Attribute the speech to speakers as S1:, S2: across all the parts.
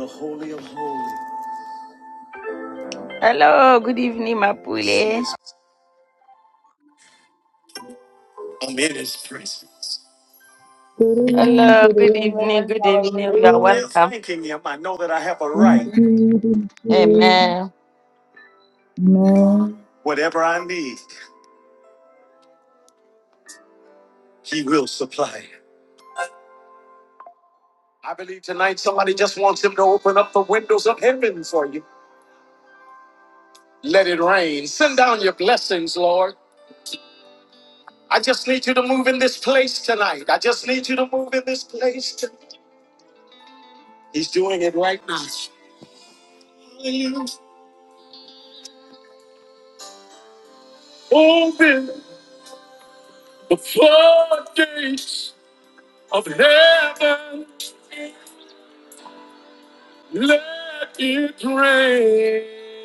S1: The Holy of Holies. Hello, good evening, Mapule. I'm His presence.
S2: Good evening,
S1: Hello,
S2: good
S1: good
S2: evening,
S1: evening,
S2: Lily.
S1: good
S2: How are
S1: evening. You are
S2: you?
S1: Just welcome. thanking Him, I know that I have a
S2: Thank
S1: right.
S2: you, thank you.
S1: Amen.
S2: Man,
S1: Whatever I need, He will supply. I believe tonight somebody just wants Him to open up the windows of heaven for you. Let it rain. Send down your blessings, Lord. I just need you to move in this place tonight. I just need you to move in this place. Tonight. He's doing it right now. Hallelujah. Open. The four gates of heaven, let it rain.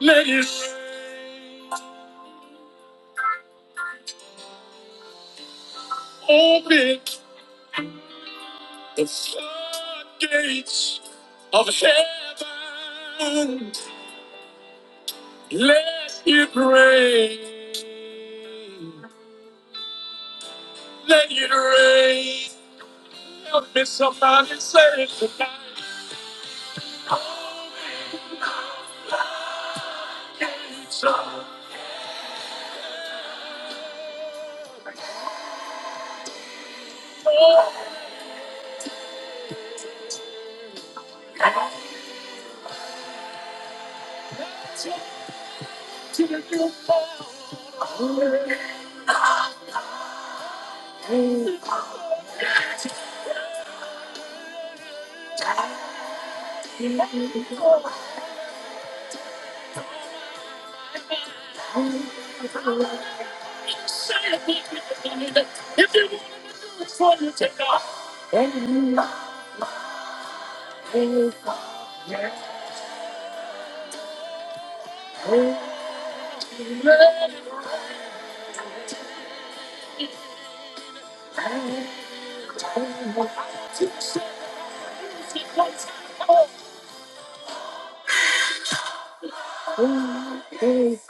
S1: Let it rain. Open the floodgates of heaven. Let it rain. Let it rain. Help me somebody say it tonight. Open the floodgates of if you wanna do it for you, take off. Take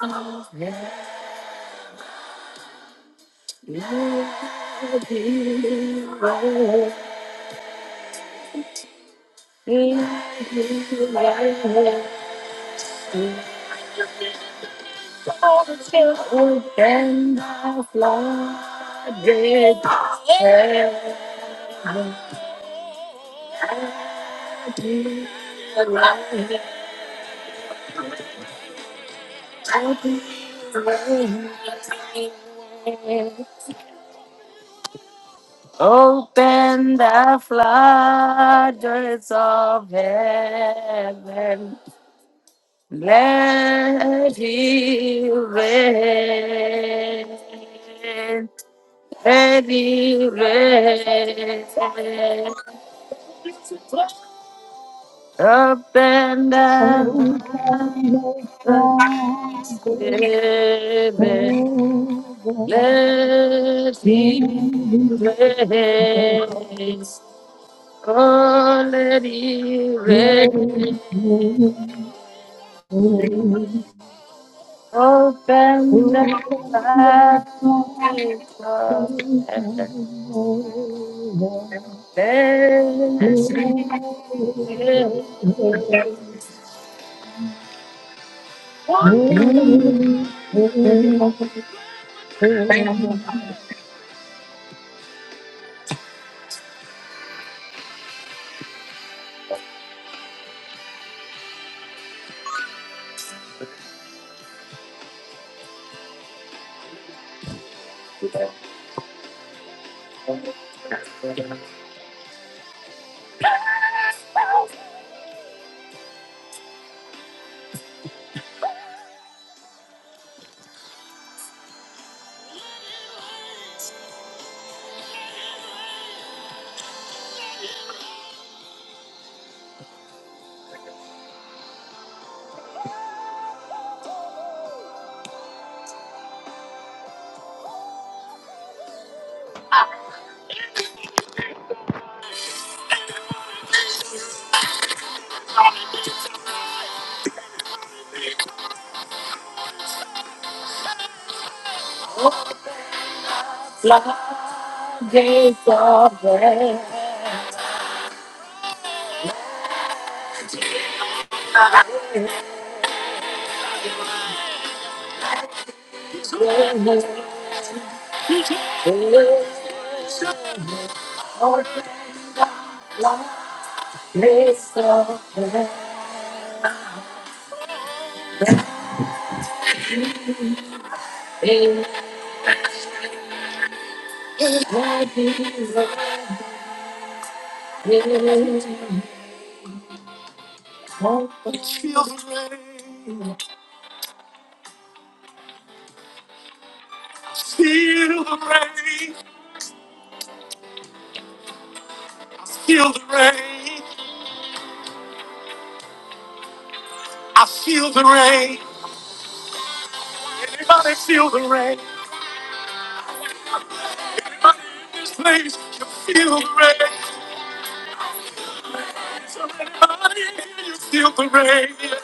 S1: off into life. open the floodgates heaven. and light. Open the floodgates of heaven. Let it rain, let it rain, up and
S2: oh,
S1: down
S2: can the Friday
S1: again.
S2: ever let it
S1: Let
S2: rain?
S1: it rain,
S2: Oh, can the
S1: oh, let it rain,
S2: Friday ever let
S1: up and down heaven. Let it. Feel the rain,
S2: it rain? Mary, Mary,
S1: feel the rain, I feel the rain, I feel the rain. Anybody feel the rain? Anybody in this place, you feel the rain. So anybody, you feel the rain.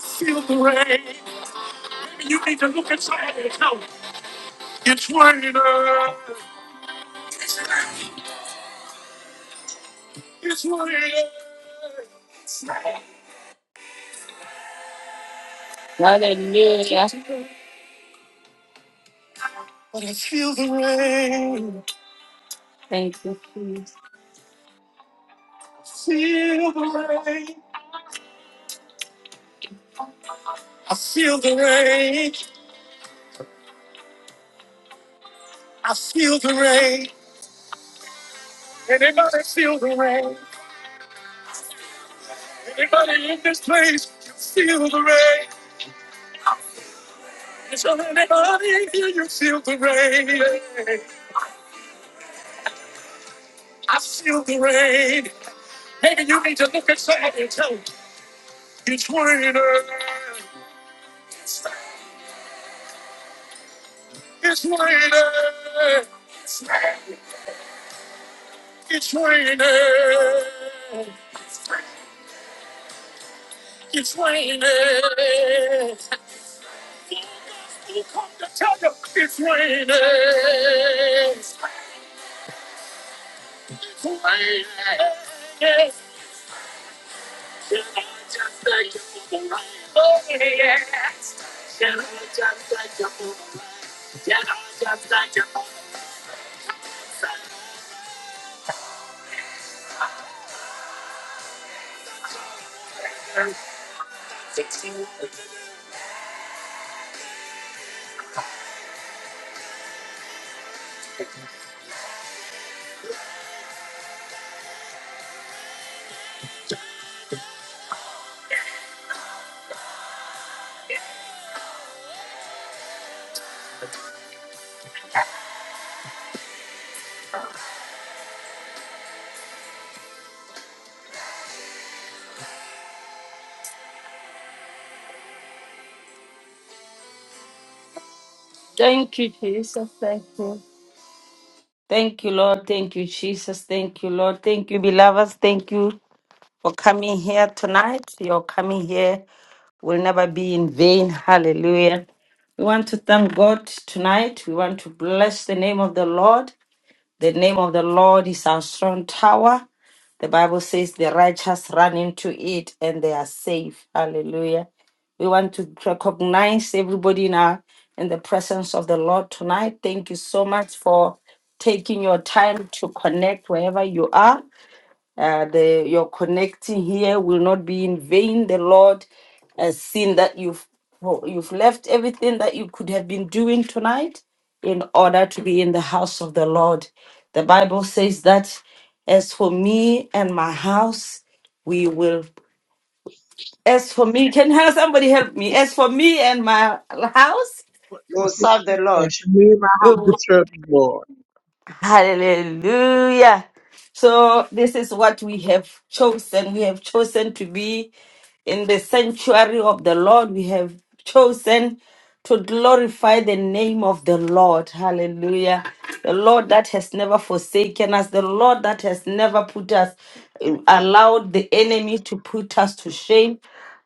S1: Feel the rain. You need to look inside yourself. It's raining. It's raining. Hallelujah. But I feel the rain. Thank you, Jesus. Feel the rain. I feel the rain. I feel the rain. Anybody feel the rain? Anybody in this place, you feel the rain. Is there anybody in here? You feel the rain. I feel the rain. Maybe you need to look at somebody and tell them, it's raining. It's raining. It's raining. It's raining. You come to tell them it's raining. It's raining. Can I just thank you for the rain? Oh, yes. Can I just thank you for the rain? Thank you, Jesus. Thank you. Thank you, Lord. Thank you, Jesus. Thank you, Lord. Thank you, beloveds. Thank you for coming here tonight. Your coming here will never be in vain. Hallelujah. We want to thank God tonight. We want to bless the name of the Lord. The name of the Lord is our strong tower. The Bible says the righteous run into it and they are safe. Hallelujah. We want to recognize everybody now in the presence of the Lord tonight. Thank you so much for taking your time to connect wherever you are. Uh, the your connecting here will not be in vain. The Lord has seen that you've you've left everything that you could have been doing tonight in order to be in the house of the Lord. The Bible says that as for me and my house, we will. As for me, can help somebody help me? As for me and my house,
S3: But
S4: We will
S3: it's-
S4: serve the Lord.
S3: it's me, and my house disturbed more.
S1: Hallelujah. So, this is what we have chosen. We have chosen to be in the sanctuary of the Lord. We have chosen to glorify the name of the Lord. Hallelujah. The Lord that has never forsaken us, the Lord that has never put us, allowed the enemy to put us to shame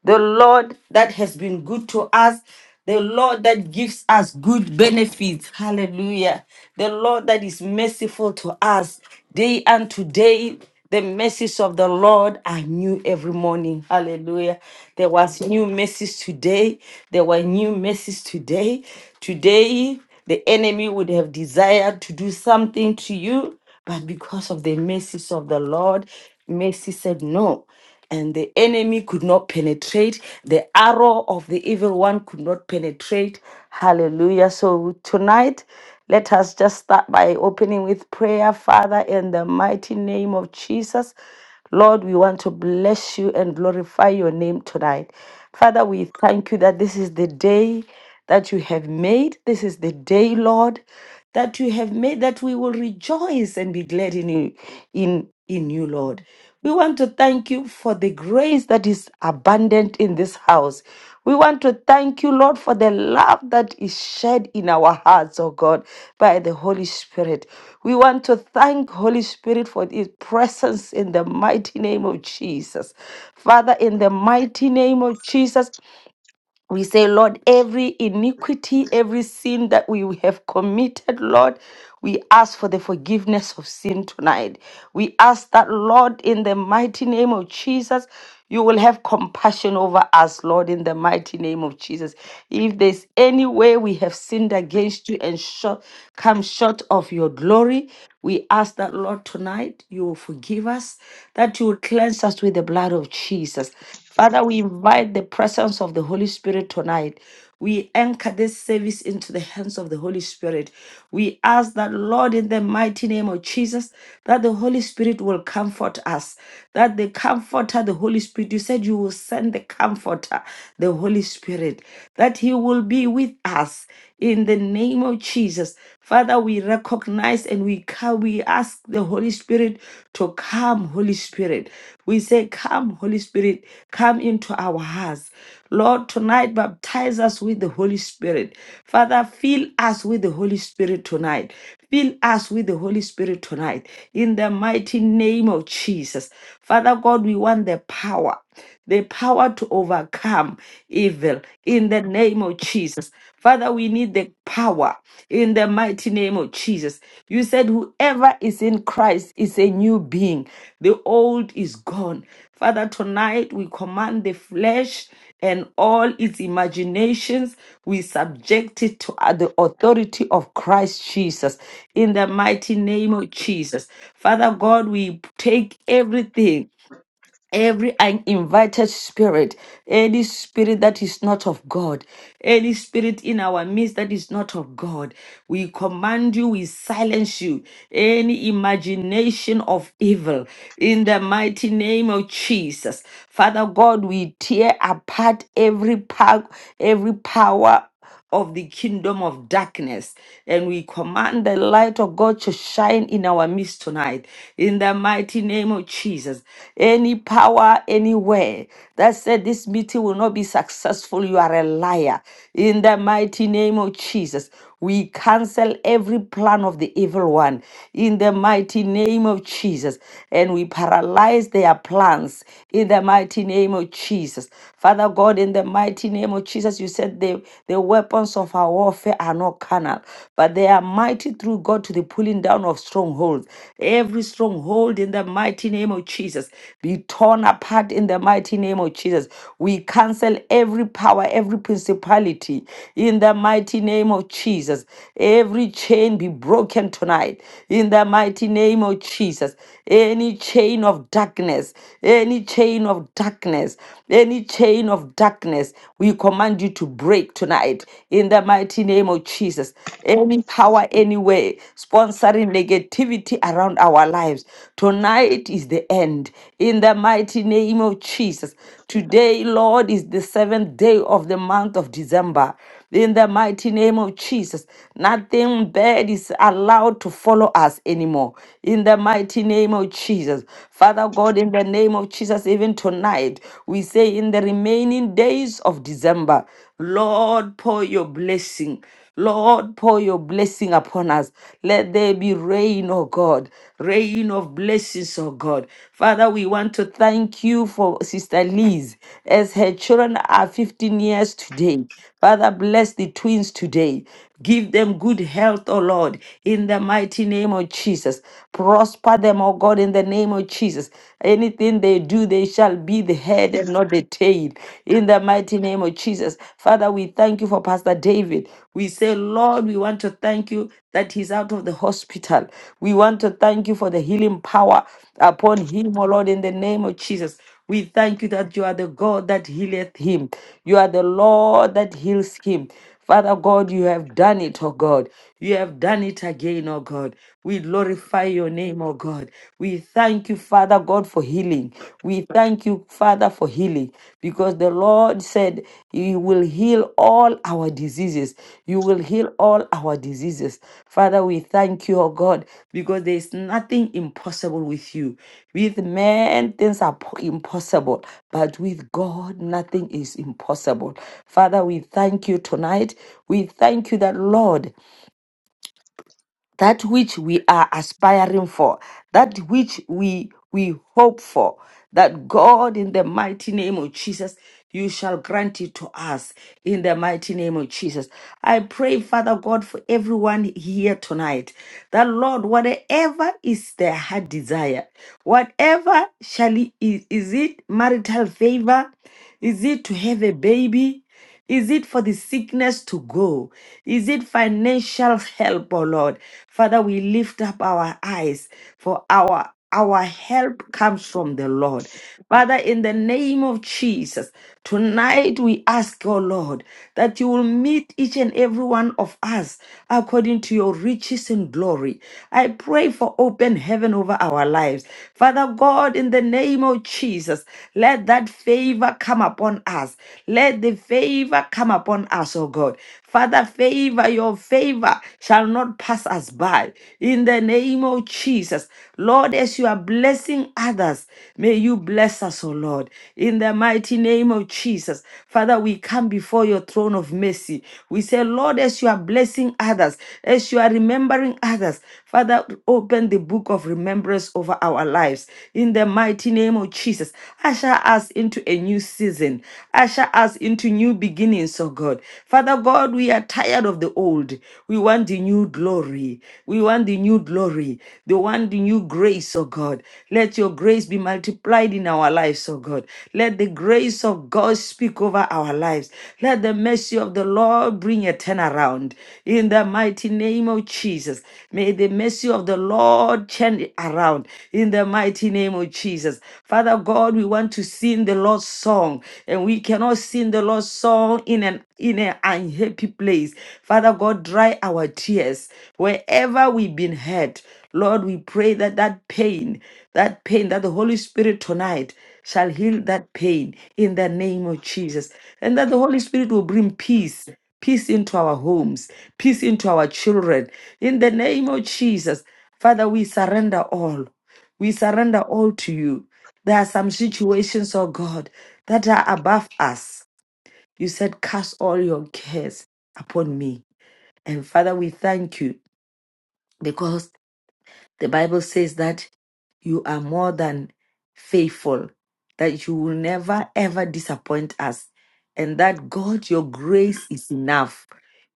S1: the Lord that has been good to us, the Lord that gives us good benefits. Hallelujah. The Lord that is merciful to us day and today. The mercies of the Lord are new every morning. Hallelujah. There was new mercies today. There were new mercies today. Today, the enemy would have desired to do something to you, but because of the mercies of the Lord, mercy said no and the enemy could not penetrate. The arrow of the evil one could not penetrate. Hallelujah. So tonight, let us just start by opening with prayer, Father, in the mighty name of Jesus. Lord, we want to bless you and glorify your name tonight. Father, we thank you that this is the day that you have made. This is the day, Lord, that you have made, that we will rejoice and be glad in you, in, in you, Lord. We want to thank you for the grace that is abundant in this house. We want to thank you, Lord, for the love that is shed in our hearts, oh God, by the Holy Spirit. We want to thank Holy Spirit for his presence in the mighty name of Jesus. Father, in the mighty name of Jesus, we say, Lord, every iniquity, every sin that we have committed, Lord, we ask for the forgiveness of sin tonight. We ask that, Lord, in the mighty name of Jesus, you will have compassion over us, Lord, in the mighty name of Jesus. If there's any way we have sinned against you and short, come short of your glory, we ask that, Lord, tonight you will forgive us, that you will cleanse us with the blood of Jesus. Father, we invite the presence of the Holy Spirit tonight. We anchor this service into the hands of the Holy Spirit. We ask that, Lord, in the mighty name of Jesus, that the Holy Spirit will comfort us. That the comforter, the Holy Spirit, you said you will send the comforter, the Holy Spirit, that he will be with us in the name of Jesus. Father, we recognize and we come we ask the Holy Spirit to come, Holy Spirit. We say, Come, Holy Spirit, come into our hearts. Lord, tonight baptize us with the Holy Spirit. Father, fill us with the Holy Spirit tonight. Fill us with the Holy Spirit tonight. In the mighty name of Jesus. Father God, we want the power, the power to overcome evil. In the name of name of Jesus. Father, we need the power in the mighty name of Jesus. You said, Whoever is in Christ is a new being, the old is gone. Father, tonight we command the flesh and all its imaginations, we subject it to uh, the authority of Christ Jesus in the mighty name of Jesus. Father God, we take everything Every invited spirit, any spirit that is not of God, any spirit in our midst that is not of God, we command you, we silence you, any imagination of evil, in the mighty name of Jesus. Father God, we tear apart every power, every power of the kingdom of darkness. And we command the light of God to shine in our midst tonight. In the mighty name of Jesus. Any power anywhere that said this meeting will not be successful, you are a liar. In the mighty name of Jesus. We cancel every plan of the evil one in the mighty name of Jesus. And we paralyze their plans in the mighty name of Jesus. Father God, in the mighty name of Jesus, you said the, the weapons of our warfare are not carnal, but they are mighty through God to the pulling down of strongholds. Every stronghold in the mighty name of Jesus be torn apart in the mighty name of Jesus. We. We cancel every power, every principality in the mighty name of Jesus. Every chain be broken tonight in the mighty name of Jesus. Any chain of darkness, any chain of darkness, any chain of darkness, we command you to break tonight in the mighty name of Jesus. Any power anywhere sponsoring negativity around our lives, Tonight is the end. In the mighty name of Jesus. Today, Lord, is the seventh day of the month of December. In the mighty name of Jesus, nothing bad is allowed to follow us anymore. In the mighty name of Jesus. Father God, in the name of Jesus, even tonight, we say in the remaining days of December, Lord, pour your blessing. Lord, pour your blessing upon us. Let there be rain, oh God, rain of blessings, oh God. Father, we want to thank you for Sister Liz as her children are 15 years today. Father, bless the twins today. Give them good health, O Lord, in the mighty name of Jesus. Prosper them, O God, in the name of Jesus. Anything they do, they shall be the head and not the tail made in the mighty name of Jesus. Father, we thank you for Pastor David. We say, Lord, we want to thank you that he's out of the hospital. We want to thank you for the healing power upon him, O Lord, in the name of Jesus. We thank you that you are the God that healeth him. You are the Lord that heals him. Father God, you have done it, oh God. You have done it again, oh God. We glorify your name, oh God. We thank you, Father God, for healing. We thank you, Father, for healing because the Lord said, You will heal all our diseases. You will you will heal all our diseases. Father, we thank you, oh God, because there is nothing impossible with you. With men, things are po- impossible, but with God, nothing is impossible. Father, we thank you tonight. We thank you that, Lord that which we are aspiring for, that which we we hope for, that God in the mighty name of Jesus, you shall grant it to us in the mighty name of Jesus. I pray, Father God, for everyone here tonight, that Lord, whatever is their heart desire, whatever shall it, is, is it marital favor, is it to have a baby? Is it for the sickness to go? Is it financial help, oh Lord? Father, we lift up our eyes for our our help comes from the Lord. Father, in the name of Jesus, tonight we ask, oh Lord, that you will meet each and every one of us according to your riches and glory. I pray for open heaven over our lives. Father God, in the name of Jesus, let that favor come upon us. Let the favor come upon us, oh God. Father, favor, your favor shall not pass us by. In the name of Jesus. Lord, as you are blessing others, may you bless us, O Lord. In the mighty name of Jesus. Father, we come before your throne of mercy. We say, Lord, as you are blessing others, as you are remembering others, Father, open the book of remembrance over our lives. In the mighty name of Jesus, usher us into a new season. Usher us into new beginnings, oh God. Father God, we are tired of the old. We want the new glory. We want the new glory. We want the new grace, oh God. Let your grace be multiplied in our lives, oh God. Let the grace of God speak over our lives. Let the mercy of the Lord bring a turnaround. In the the mighty name of Jesus. May the mercy of the Lord turn it around in the mighty name of Jesus. Father God, we want to sing the Lord's song, and we cannot sing the Lord's song in an in an unhappy place. Father God, dry our tears wherever we've been hurt. Lord, we pray that that pain, that pain, that the Holy Spirit tonight shall heal that pain in the name of Jesus, and that the Holy Spirit will bring peace peace into our homes, peace into our children. In the name of Jesus, Father, we surrender all. We surrender all to you. There are some situations, oh God, that are above us. You said, Cast all your cares upon me. And Father, we thank you because. The Bible says that you are more than faithful, that you will never ever disappoint us, and that God, your grace is enough.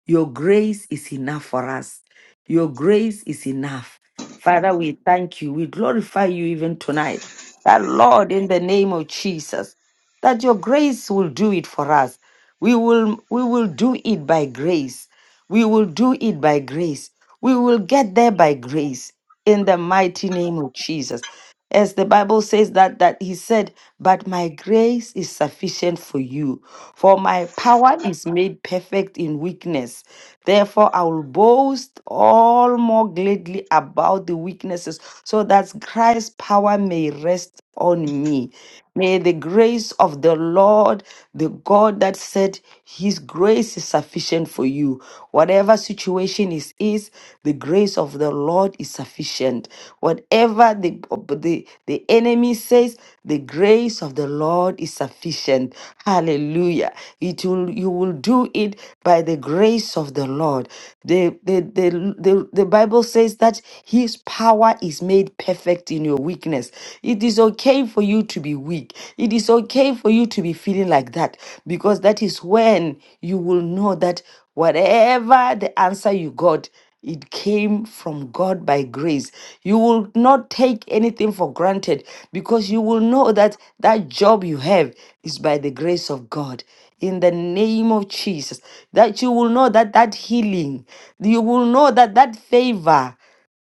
S1: Your grace is enough for us. Your grace is enough. Father, we thank you. We glorify you even tonight. That Lord, in the name of Jesus, that your grace will do it for us. We will we will do it by grace. We will do it by grace. We will get there by grace in the mighty name of Jesus. As the Bible says that that he said, "But my grace is sufficient for you, for my power is made perfect in weakness. Therefore I will boast all more gladly about the weaknesses, so that Christ's power may rest on me. May the grace of the Lord, the God that said his grace is sufficient for you. Whatever situation is is, the grace of the Lord is sufficient. Whatever the the, the enemy says, the grace of the Lord is sufficient. Hallelujah. It will you will do it by the grace of the Lord. The the the, the, the, the Bible says that his power is made perfect in your weakness. It is okay for you to be weak. It is okay for you to be feeling like that because that is when you will know that whatever the answer you got, it came from God by grace. You will not take anything for granted because you will know that that job you have is by the grace of God in the name of Jesus. That you will know that that healing, you will know that that favor,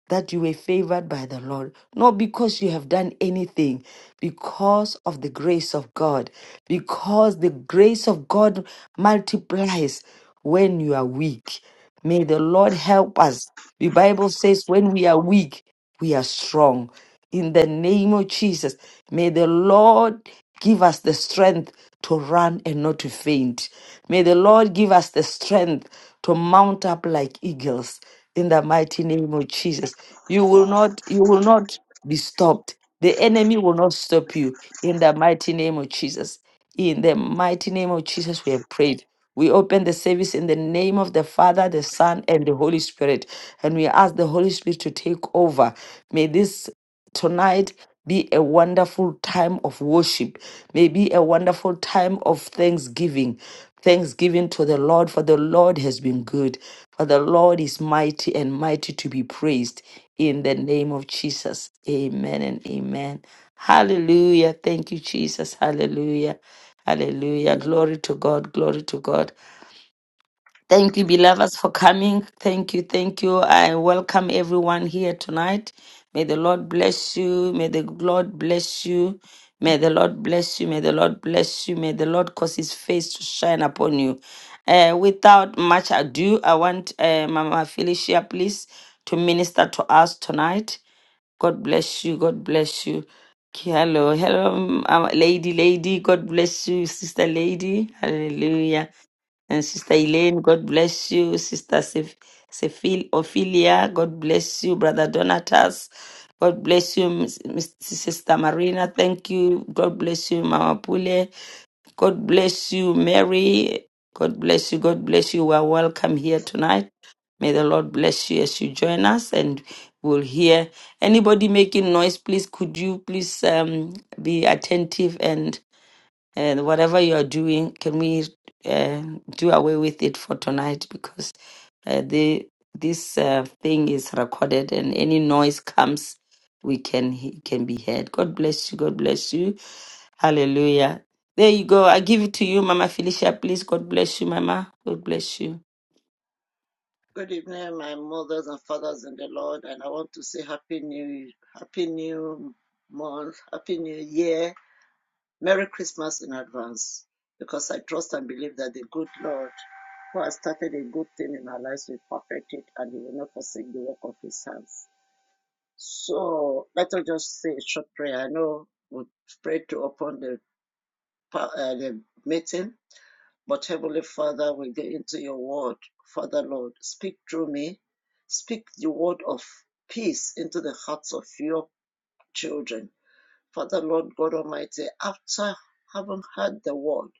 S1: that you were favored by the Lord, not because you have done anything, because of the grace of God, because the grace of God multiplies when you are weak. May the Lord help us. The Bible says, when we are weak, we are strong. In the name of Jesus, may the Lord give us the strength to run and not to faint. May the Lord give us the strength to mount up like eagles. In the mighty name of Jesus, you will not, you will not be stopped. The enemy will not stop you. In the mighty name of Jesus. In the mighty name of Jesus, we have prayed. We open the service in the name of the Father, the Son, and the Holy Spirit. And we ask the Holy Spirit to take over. May this tonight be a wonderful time of worship. May be a wonderful time of thanksgiving. Thanksgiving to the Lord, for the Lord has been good. For the Lord is mighty and mighty to be praised. In the name of Jesus. Amen and amen. Hallelujah. Thank you, Jesus. Hallelujah. Hallelujah. Glory to God. Glory to God. Thank you, beloveds, for coming. Thank you, thank you. I welcome everyone here tonight. May the Lord bless you. May the Lord bless you. May the Lord bless you. May the Lord bless you. May the Lord cause his face to shine upon you. Uh, without much ado, I want uh, Mama Felicia, please, to minister to us tonight. God bless you. God bless you. Okay, Hello, hello, um, lady, lady. God bless you, sister, lady. Hallelujah. And Sister Elaine, God bless you. Sister Sef- Sephil- Ophelia, God bless you. Brother Donatas, God bless you. Miss- Miss- Sister Marina, thank you. God bless you, Mama Pule. God bless you, Mary. God bless you. God bless you. We are welcome here tonight. May the Lord bless you as you join us and we'll hear anybody making noise. Please, could you please um, be attentive and. And whatever you are doing, can we uh, do away with it for tonight? Because uh, the this uh, thing is recorded, and any noise comes, we can he can be heard. God bless you. God bless you. Hallelujah. There you go. I give it to you, Mama Felicia. Please, God bless you, Mama. God bless you.
S4: Good evening, my mothers and fathers in the Lord, and I want to say Happy New Happy New Month, Happy New Year, Merry Christmas in advance, because I trust and believe that the good Lord who has started a good thing in our lives will perfect it and he will not forsake the work of his hands. So let us just say a short prayer. I know we prayed to open the, uh, the meeting, But Heavenly Father, we get into your word. Father Lord, speak through me. Speak the word of peace into the hearts of your children. Father Lord God Almighty, after having heard the word,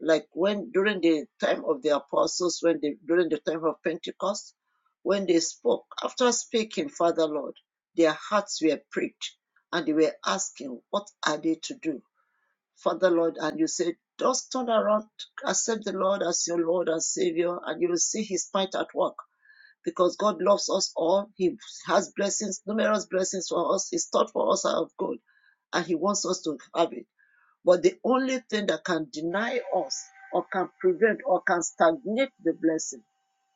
S4: like when during the time of the apostles, when they during the time of Pentecost, when they spoke, after speaking, Father Lord, their hearts were pricked and they were asking, What are they to do? Father Lord, and you say, just turn around, accept the Lord as your Lord and Savior, and you will see His might at work. Because God loves us all, He has blessings, numerous blessings for us. His thought for us are of good, and He wants us to have it. But the only thing that can deny us, or can prevent, or can stagnate the blessing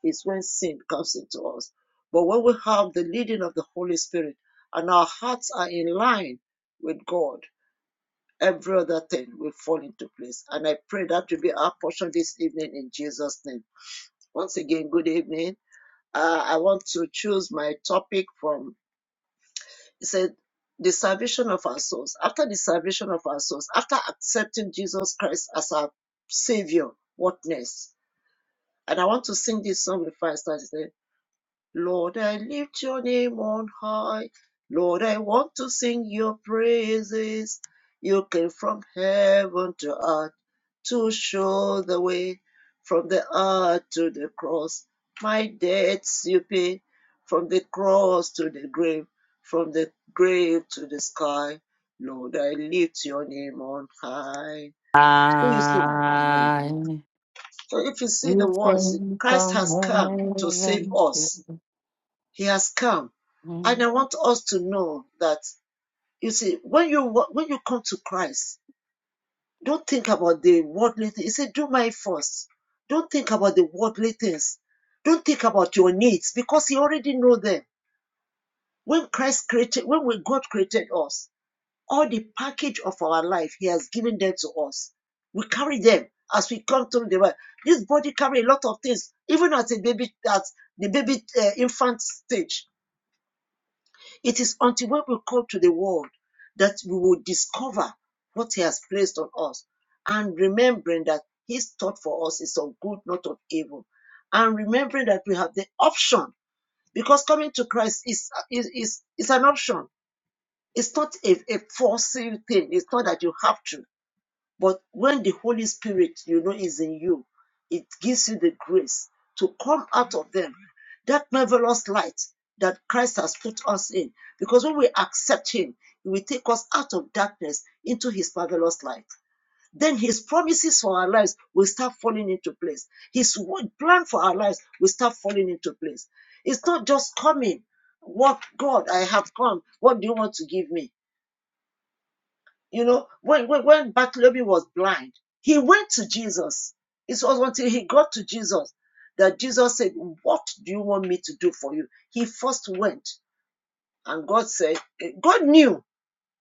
S4: is when sin comes into us. But when we have the leading of the Holy Spirit, and our hearts are in line with God, every other thing will fall into place. And I pray that will be our portion this evening in Jesus' name. Once again, good evening. Uh, I want to choose my topic from, it said, the salvation of our souls. After the salvation of our souls, after accepting Jesus Christ as our Savior, what next? And I want to sing this song with five stars. It Lord, I lift your name on high. Lord, I want to sing your praises. You came from heaven to earth. to show the way from the earth to the cross. My debts you pay from the cross to the grave, from the grave to the sky. Lord, I lift your name on high. So you see, yeah.
S1: I
S4: so if you see the
S1: you
S4: words,
S1: came
S4: Christ
S1: from
S4: has come to save
S1: heaven. to
S4: us. He has come, and I want us to know that you see when you when you come to Christ, Don't think about the worldly things. He said, Do my first. Don't think about the worldly things. Don't think about your needs because He already know them. When Christ created, when God created us, all the package of our life, He has given them to us. We carry them as we come through the world. This body carry a lot of things, even at a baby, at the baby uh, infant stage it is until when we come to the world that we will discover what He has placed on us and remembering that His thought for us is of good, not of evil. And remembering that we have the option because coming to Christ is, is, is, is an option. It's not a, a forcing thing. It's not that you have to but when the Holy Spirit, you know, is in you, it gives you the grace to come out of them. That marvelous light that Christ has put us in. Because when we accept Him, He will take us out of darkness into His marvelous light. Then His promises for our lives will start falling into place. His wo- plan for our lives will start falling into place. It's not just coming. What God, I have come. What do you want to give me? You know, when, when, when Bartholomew was blind, he went to Jesus. It was until he got to Jesus that Jesus said, What do you want me to do for you? He first went, and God said, eh, God knew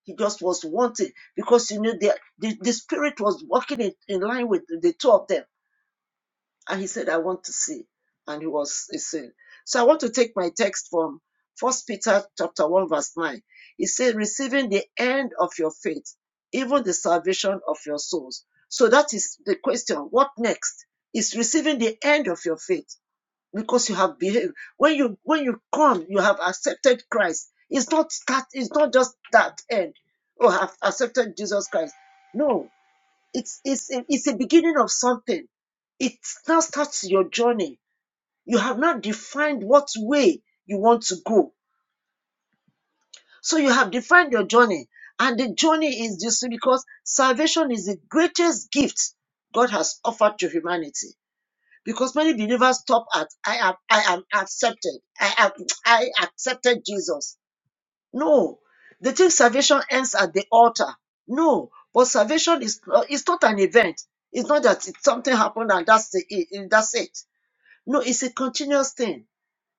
S4: he just was wanting because you know the, the, the spirit was working in, in line with the two of them and he said, I want to see. And he was he said, So I want to take my text from First Peter chapter 1, verse 9. He said, Receiving the end of your faith, even the salvation of your souls. So that is the question. What next? Is receiving the end of your faith because you have behaved. When you when you come, you have accepted Christ. It's not that it's not just that end. Oh, I've accepted Jesus Christ. No, it's it's a, it's a beginning of something it now starts your journey you have not defined what way you want to go so you have defined your journey and the journey is this because salvation is the greatest gift god has offered to humanity because many believers stop at i am i am accepted i am i accepted jesus No, they think salvation ends at the altar. No, but salvation is uh, it's not an event. It's not that it, something happened and that's the, it, it- that's it. No, it's a continuous thing.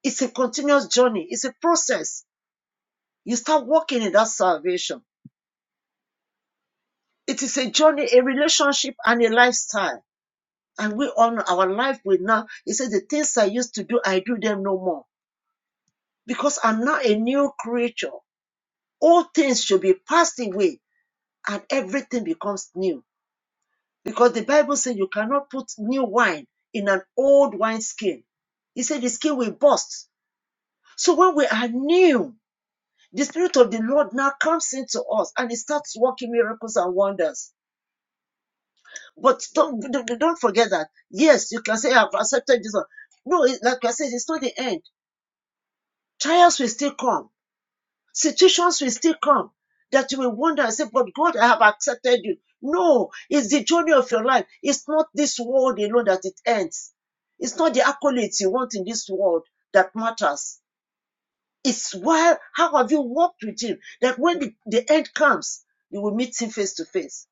S4: It's a continuous journey. It's a process. You start walking in that salvation. It is a journey, a relationship, and a lifestyle. And we on our life will now. He said, "The things I used to do, I do them no more, because I'm now a new creature. All things should be passed away, and everything becomes new." Because the Bible says you cannot put new wine in an old wine skin. He said the skin will burst. So when we are new, the Spirit of the Lord now comes into us and it starts working miracles and wonders. But don't, don't forget that. Yes, you can say, I've accepted this. one." No, like I said, it's not the end. Trials will still come Situations will still come that you will wonder and say, But God, I have accepted you. No, it's the journey of your life. It's not this world alone that it ends. It's not the accolades you want in this world that matters. It's why, how have you walked with Him that when the, the end comes, you will meet Him face to face.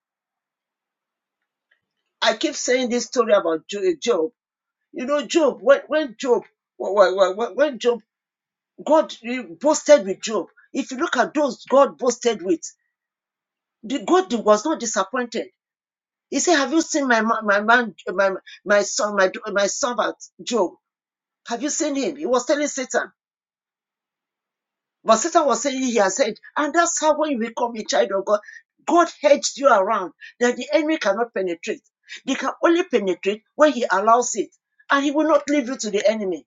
S4: I keep saying this story about Job. You know, Job, when, when Job, when, when Job, God eh, boasted with Job. If you look at those God boasted with, The God was not disappointed. He said, "Have you seen my my man, my my son, my my servant Job? Have you seen him?" He was telling Satan, but Satan was saying he has said, and that's how when you become a child of God, God hedged you around that the enemy cannot penetrate. They can only penetrate when He allows it, and He will not leave you to the enemy.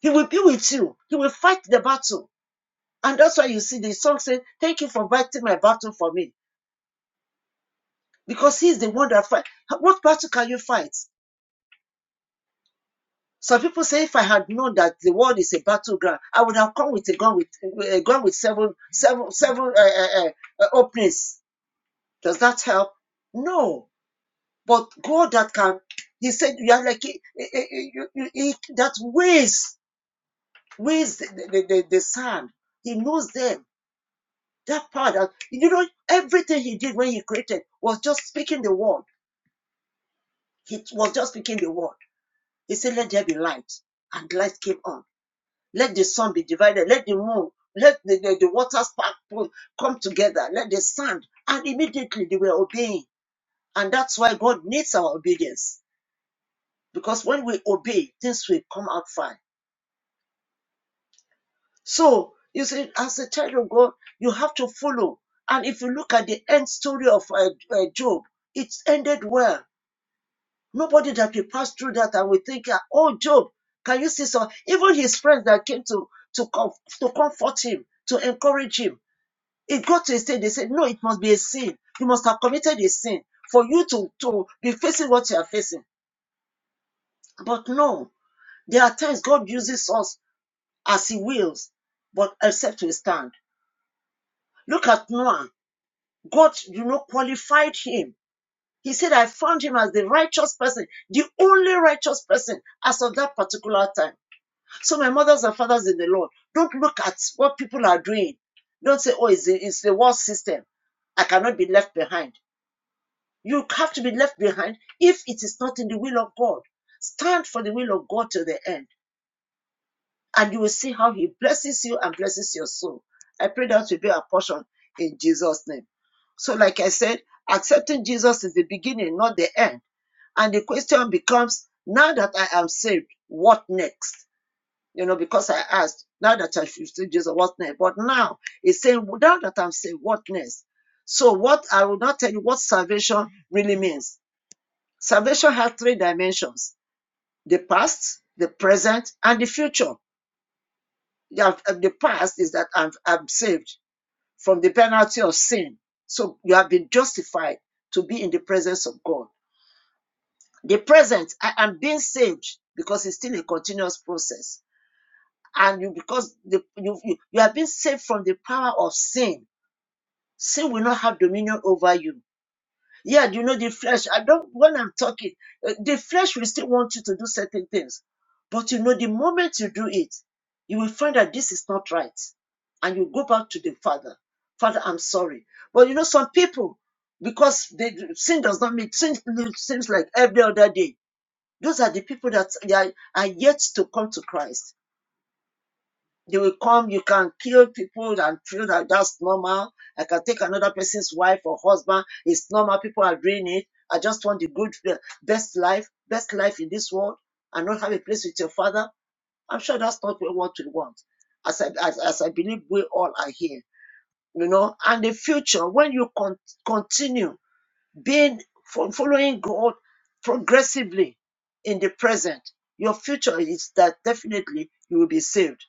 S4: He will be with you. He will fight the battle, and that's why you see the song saying, "Thank you for fighting my battle for me," because He's the one that fights. What battle can you fight? Some people say, if I had known that the world is a battleground, I would have come with a gun with a gun with seven, seven, seven uh, uh, uh, uh, openings. Does that help? No. But God that can, He said, you are like eh, eh, eh, he- that weighs weighs the, the, the, the sand. He knows them. That part, that, you know, everything He did when He created was just speaking the word. He was just speaking the word. He said, "Let there be light," and light came on Let the sun be divided. Let the moon, let the, the, the waters part, come together. Let the sand. And immediately they were obeying. And that's why God needs our obedience. Because when we obey, things will come out fine. So, you see, as a child of God, you have to follow. And if you look at the end story of uh, uh, Job, it ended well. Nobody that will pass through that and will think, ah, oh, Job, can you see so? Even his friends that came to, to, com- to comfort him, to encourage him, It got to a stage they said, no, it must be a sin. You must have committed a sin for you to, to be facing what you are facing. But no, there are times God uses us as He wills, but except we stand. Look at Noah. God, you know, qualified him. He said, I found him as the righteous person, the only righteous person as of that particular time. So, my mothers and fathers in the Lord, don't look at what people are doing. Don't say, oh, it's the, it's the world system. I cannot be left behind. You have to be left behind if it is not in the will of God. Stand for the will of God to the end, and you will see how He blesses you and blesses your soul. I pray that will be our portion in Jesus' name. So, like I said, accepting Jesus is the beginning, not the end. And the question becomes now that I am saved, what next? You know, because I asked, now that I should see Jesus, what next? But now it's saying, now that I'm saved, what next? So, what I will not tell you what salvation really means. Salvation has three dimensions the past, the present, and the future. You uh, The past is that I'm, I'm saved from the penalty of sin. So you have been justified to be in the presence of God. The present, I am being saved because it's still a continuous process. And you, because the, you, you, you have been saved from the power of sin, sin will not have dominion over you Yeah, you know, the flesh, I don't, when I'm talking, uh, the flesh will still want you to do certain things. But you know, the moment you do it, you will find that this is not right. And you go back to the Father. Father, I'm sorry. But you know, some people, because they, sin does not mean, sin seems like every other day. Those are the people that they are, are yet to come to Christ they will come, you can kill people and feel that that's normal. I can take another person's wife or husband. It's normal. People are doing it. I just want the good, the best life, best life in this world and not have a place with your father. I'm sure that's not what we want. As I, as, as I believe we all are here, you know, and the future, when you con- continue being, fo- following God progressively in the present, your future is that definitely you will be saved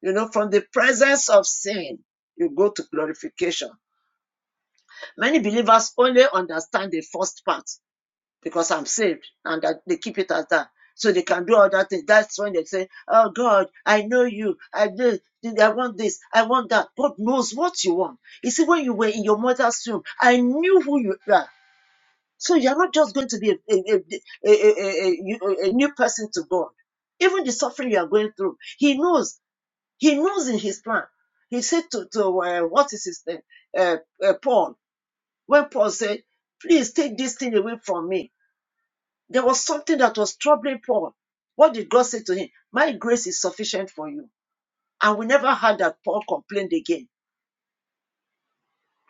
S4: you know, from the presence of sin, you go to glorification. Many believers only understand the first part because I'm saved and that they keep it as that. So they can do other things. That's when they say, Oh God, I know you. I do. I want this. I want that. God knows what you want. You see, when you were in your mother's womb, I knew who you are. So you're not just going to be a, a, a, a, a, a, a a new person to God. Even the suffering you are going through, He knows he knows in his plan. He said to, to uh, what is his name? Uh, uh, Paul. When Paul said, Please take this thing away from me, there was something that was troubling Paul. What did God say to him? My grace is sufficient for you. And we never heard that Paul complained again.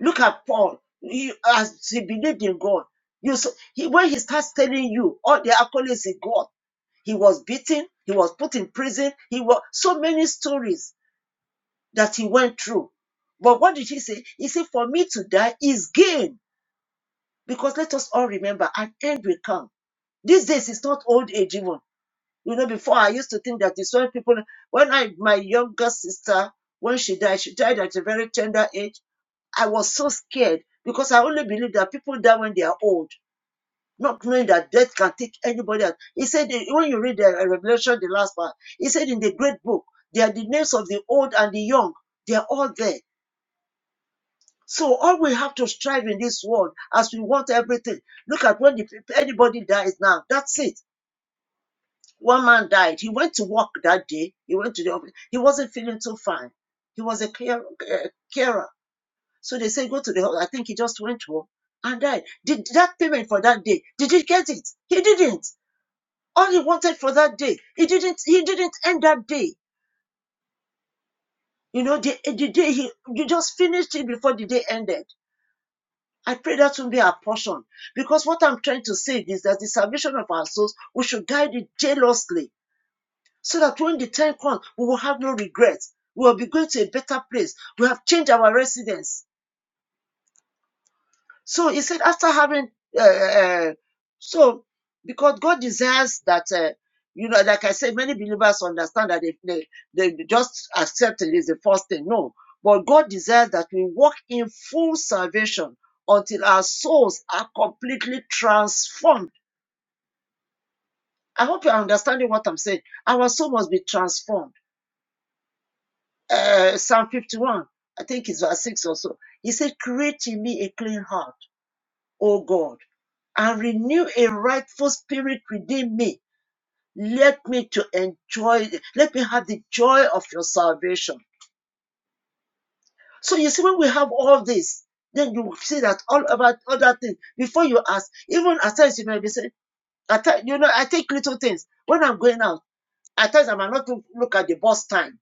S4: Look at Paul. He, as he believed in God, you so he, when he starts telling you all the accolades he got, he was beaten, he was put in prison, he was so many stories that he went through. But what did he say? He said, For me to die is gain. Because let us all remember, an end will come. These days it's not old age even. You know, before I used to think that it's when people when I my younger sister, when she died, she died at a very tender age. I was so scared because I only believe that people die when they are old, not knowing that death can take anybody out. He said when you read the uh, Revelation, the last part, he said in the great book, they are the names of the old and the young. They are all there So all we have to strive in this world as we want everything. Look at when the, anybody dies now. That's it. One man died. He went to work that day. He went to the office. He wasn't feeling too fine. He was a care, uh, carer. So they said, go to the hospital. I think he just went home and died. Did that payment for that day? Did he get it? He didn't. All he wanted for that day, he didn't. He didn't end that day. You know, the, the day he you just finished it before the day ended. I pray that will be our portion. Because what I'm trying to say is that the salvation of our souls, we should guide it jealously so that when the time comes, we will have no regrets. We will be going to a better place. We have changed our residence. So he said, after having, uh, uh, uh, so because God desires that, uh, you know, like I said, many believers understand that if they, they just accept it is the first thing. No, but God desires that we walk in full salvation until our souls are completely transformed. I hope you're understanding what I'm saying. Our soul must be transformed. Uh, Psalm 51, I think it's verse 6 or so. He said, Create in me a clean heart, O God and renew a rightful spirit within me. Let me to enjoy, let me have the joy of your salvation. So you see, when we have all this, then you see that all about other things. Before you ask, even at times you may be saying, at times, you know, I take little things. When I'm going out, at times I might not look at the bus time.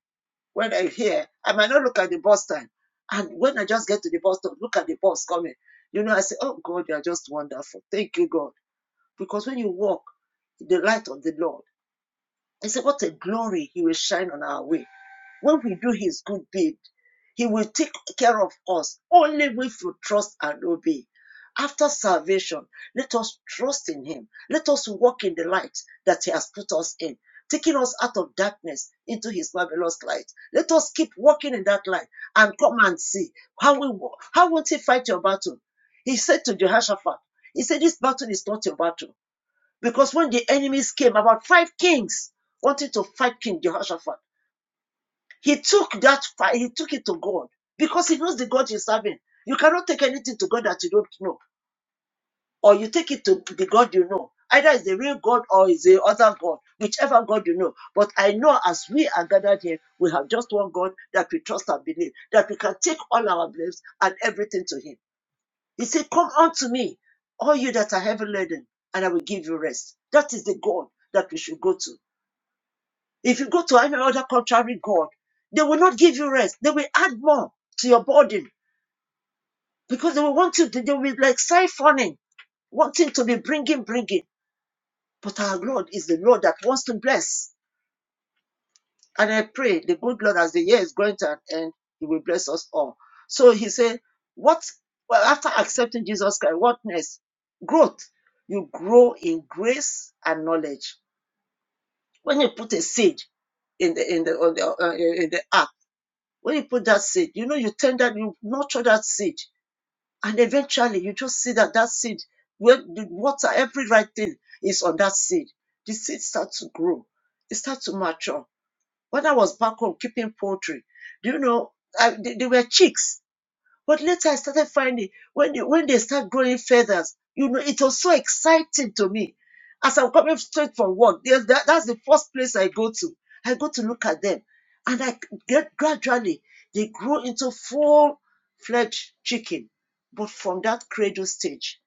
S4: When I am here, I might not look at the bus time. And when I just get to the bus stop, look at the bus coming. You know, I say, Oh God, you are just wonderful. Thank you, God Because when you walk in the light of the Lord, I say, what a glory He will shine on our way. When we do His good deed, He will take care of us only if we trust and obey. After salvation, let us trust in Him. Let us walk in the light that He has put us in, taking us out of darkness into His marvelous light. Let us keep walking in that light and come and see how we walk. How won't He fight your battle? He said to Jehoshaphat, He said, This battle is not your battle. Because when the enemies came, about five kings wanted to fight King Jehoshaphat, he took that fight, he took it to God because he knows the God he's serving. You cannot take anything to God that you don't know, or you take it to the God you know. Either it's the real God or it's the other God, whichever God you know. But I know as we are gathered here, we have just one God that we trust and believe, that we can take all our beliefs and everything to Him. He said, Come unto me, all you that are heavy laden, and I will give you rest. That is the God that we should go to. If you go to any other contrary God, they will not give you rest. They will add more to your burden because they will want you to, they will be like siphoning, wanting to be bringing, bringing. But our Lord is the Lord that wants to bless. And I pray the good Lord, as the year is going to an end, He will bless us all. So He said, What, well, after accepting Jesus Christ, what next? Growth. You grow in grace and knowledge. When you put a seed in the, in the, on the, uh, in the earth, When you put that seed, you know, you tend that, you nurture that seed, and eventually you just see that that seed, when the water, every right thing is on that seed. The seed starts to grow, it starts to mature. When I was back home keeping poultry, do you know, I, they, they were chicks. But later I started finding when you, when they start growing feathers, you know, it was so exciting to me. As I'm coming straight from work, there's that, that's the first place I go to. I go to look at them, and I get gradually they grow into full-fledged chicken, but from that cradle stage,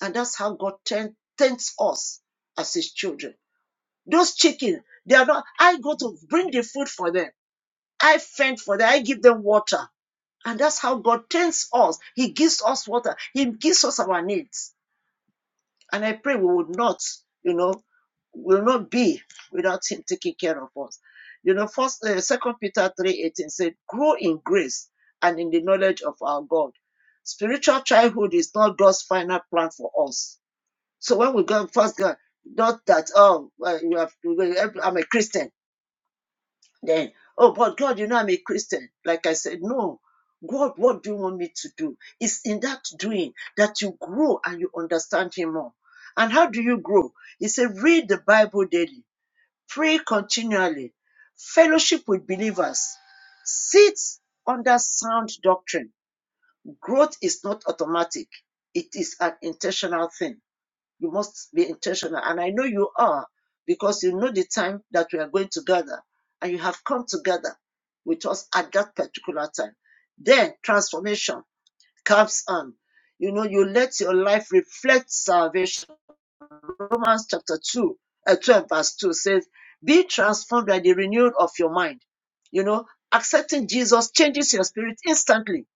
S4: and that's how God turn, tends us as His children. Those chicken, they are not. I go to bring the food for them. I fend for them. I give them water. And that's how God trains us. He gives us water. He gives us our needs. And I pray we would not, you know, will not be without Him taking care of us. You know, first, uh, Second Peter three eighteen said, "Grow in grace and in the knowledge of our God." Spiritual childhood is not God's final plan for us. So when we go first, God, not that oh, well, you have, I'm a Christian. Then, oh, but God, you know, I'm a Christian. Like I said, no. God, what do you want me to do? It's in that doing that you grow and you understand Him more. And how do you grow? He said, read the Bible daily, pray continually, fellowship with believers, sit under sound doctrine. Growth is not automatic, it is an intentional thing. You must be intentional. And I know you are because you know the time that we are going together and you have come together with us at that particular time. Then transformation comes on. You know, you let your life reflect salvation Romans chapter 2, uh, 12, verse 2 says, Be transformed by the renewal of your mind. You know, accepting Jesus changes your spirit instantly.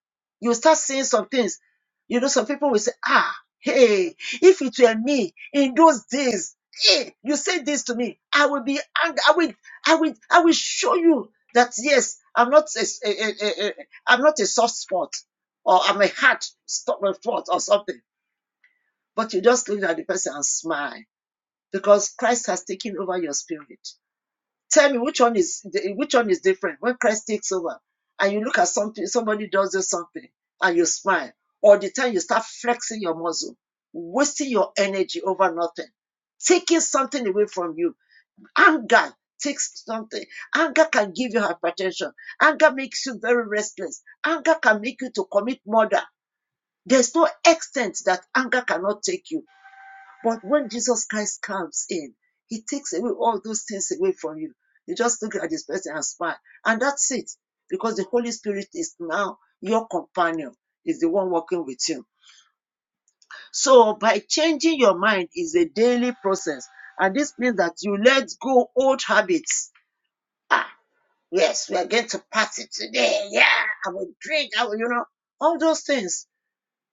S4: You start seeing some things. You know, some people will say, Ah, hey, if it were me in those days, hey, you say this to me, I will be angry. I will, I will, I will show you that yes, I'm not a, a, a, a, a- I'm not a soft spot or I'm a hard stop spot or something. But you just look at the person and smile because Christ has taken over your spirit. Tell me which one is which one is different when Christ takes over and you look at something somebody does this something and you smile or the time you start flexing your muscle, wasting your energy over nothing, taking something away from you. Anger takes something. Anger can give you hypertension. Anger makes you very restless. Anger can make you to commit murder. There's no extent that anger cannot take you but when Jesus Christ comes in, he takes away all those things away from you. You just look at this person and smile. And that's it. Because the Holy Spirit is now your companion, is the one working with you. So by changing your mind is a daily process. And this means that you let go old habits. Ah, yes, we are going to party today. Yeah, I will drink. I will, you know, all those things.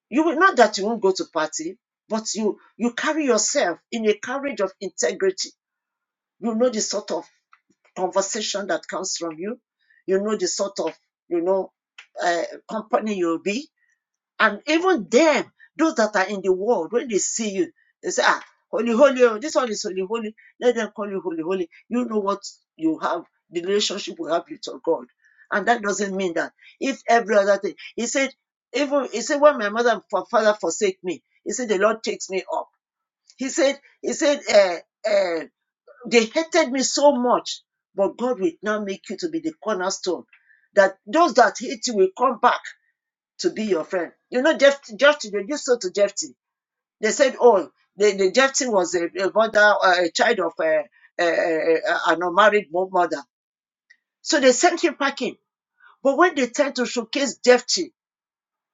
S4: You will not that you won't go to party, but you you carry yourself in a carriage of integrity You know the sort of conversation that comes from you. You know the sort of, you know, uh, company you'll be. And even them, those that are in the world, when they see you, they say, ah, holy, holy, oh, this one is holy, holy. Let them call you holy, holy. You know what you have, the relationship you have with your God. And that doesn't mean that if every other thing, he said, even, he said, when my mother and father forsake me, he said, the Lord takes me up. He said, he said, uh, uh. They hated me so much, but God will now make you to be the cornerstone. That those that hate you will come back to be your friend. You know, Jephthah, Jephthah they did so to Jephthah. They said, oh, the, the Jephthah was a, a mother, uh, a child of a, a, a, a- an unmarried mo- mother. So they sent him packing. But when they tried to showcase Jephthah,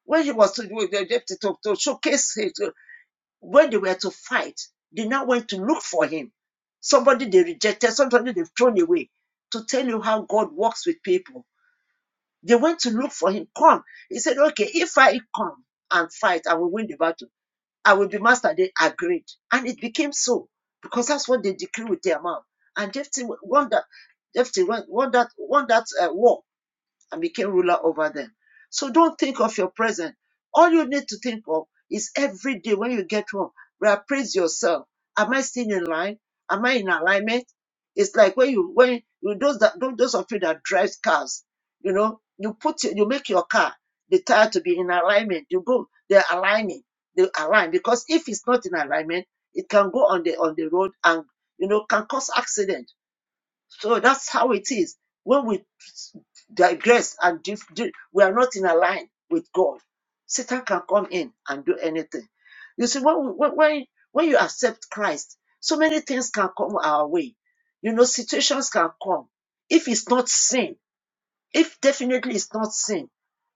S4: when he was to do the Jephthah to, to showcase him, when they were to fight, they now went to look for him. Somebody they rejected, somebody they've thrown away. To tell you how God works with people. They went to look for him. Come. He said, Okay, if I come and fight, I will win the battle. I will be master. They agreed. And it became so because that's what they decree with their mouth. And Jephthah won that, Jephthah won that, won that uh, war and became ruler over them. So don't think of your present. All you need to think of is every day when you get home, reappraise yourself. Am I still in line? Am I in alignment? It's like when you when you those that those of you that drives cars, you know, you put you make your car the tire to be in alignment. You go, they're aligning, they align because if it's not in alignment, it can go on the on the road and you know can cause accident so that's how it is. When we digress and dif- we are not in alignment with God, Satan can come in and do anything. You see, when, when, when when you accept Christ, so many things can come our way. You know, situations can come. If it's not sin, if definitely it's not sin,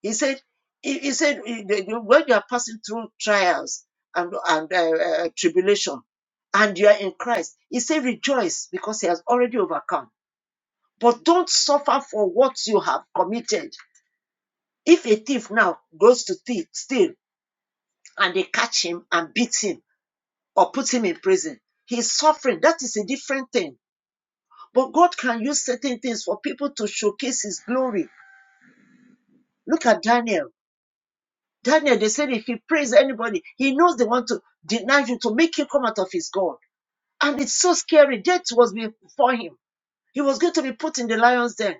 S4: he said, he, he said, eh, the- the- when you are passing through trials and, and uh, uh, tribulation, and you are in Christ, he said, rejoice because he has already overcome. But don't suffer for what you have committed. If a thief now goes to thief, steal and they catch him and beat him or put him in prison, he's suffering. That is a different thing. But God can use certain things for people to showcase his glory. Look at Daniel. Daniel, they said if he prays anybody, he knows they want to deny you to make you come out of his God. And it's so scary. Death was before him. He was going to be put in the lion's den.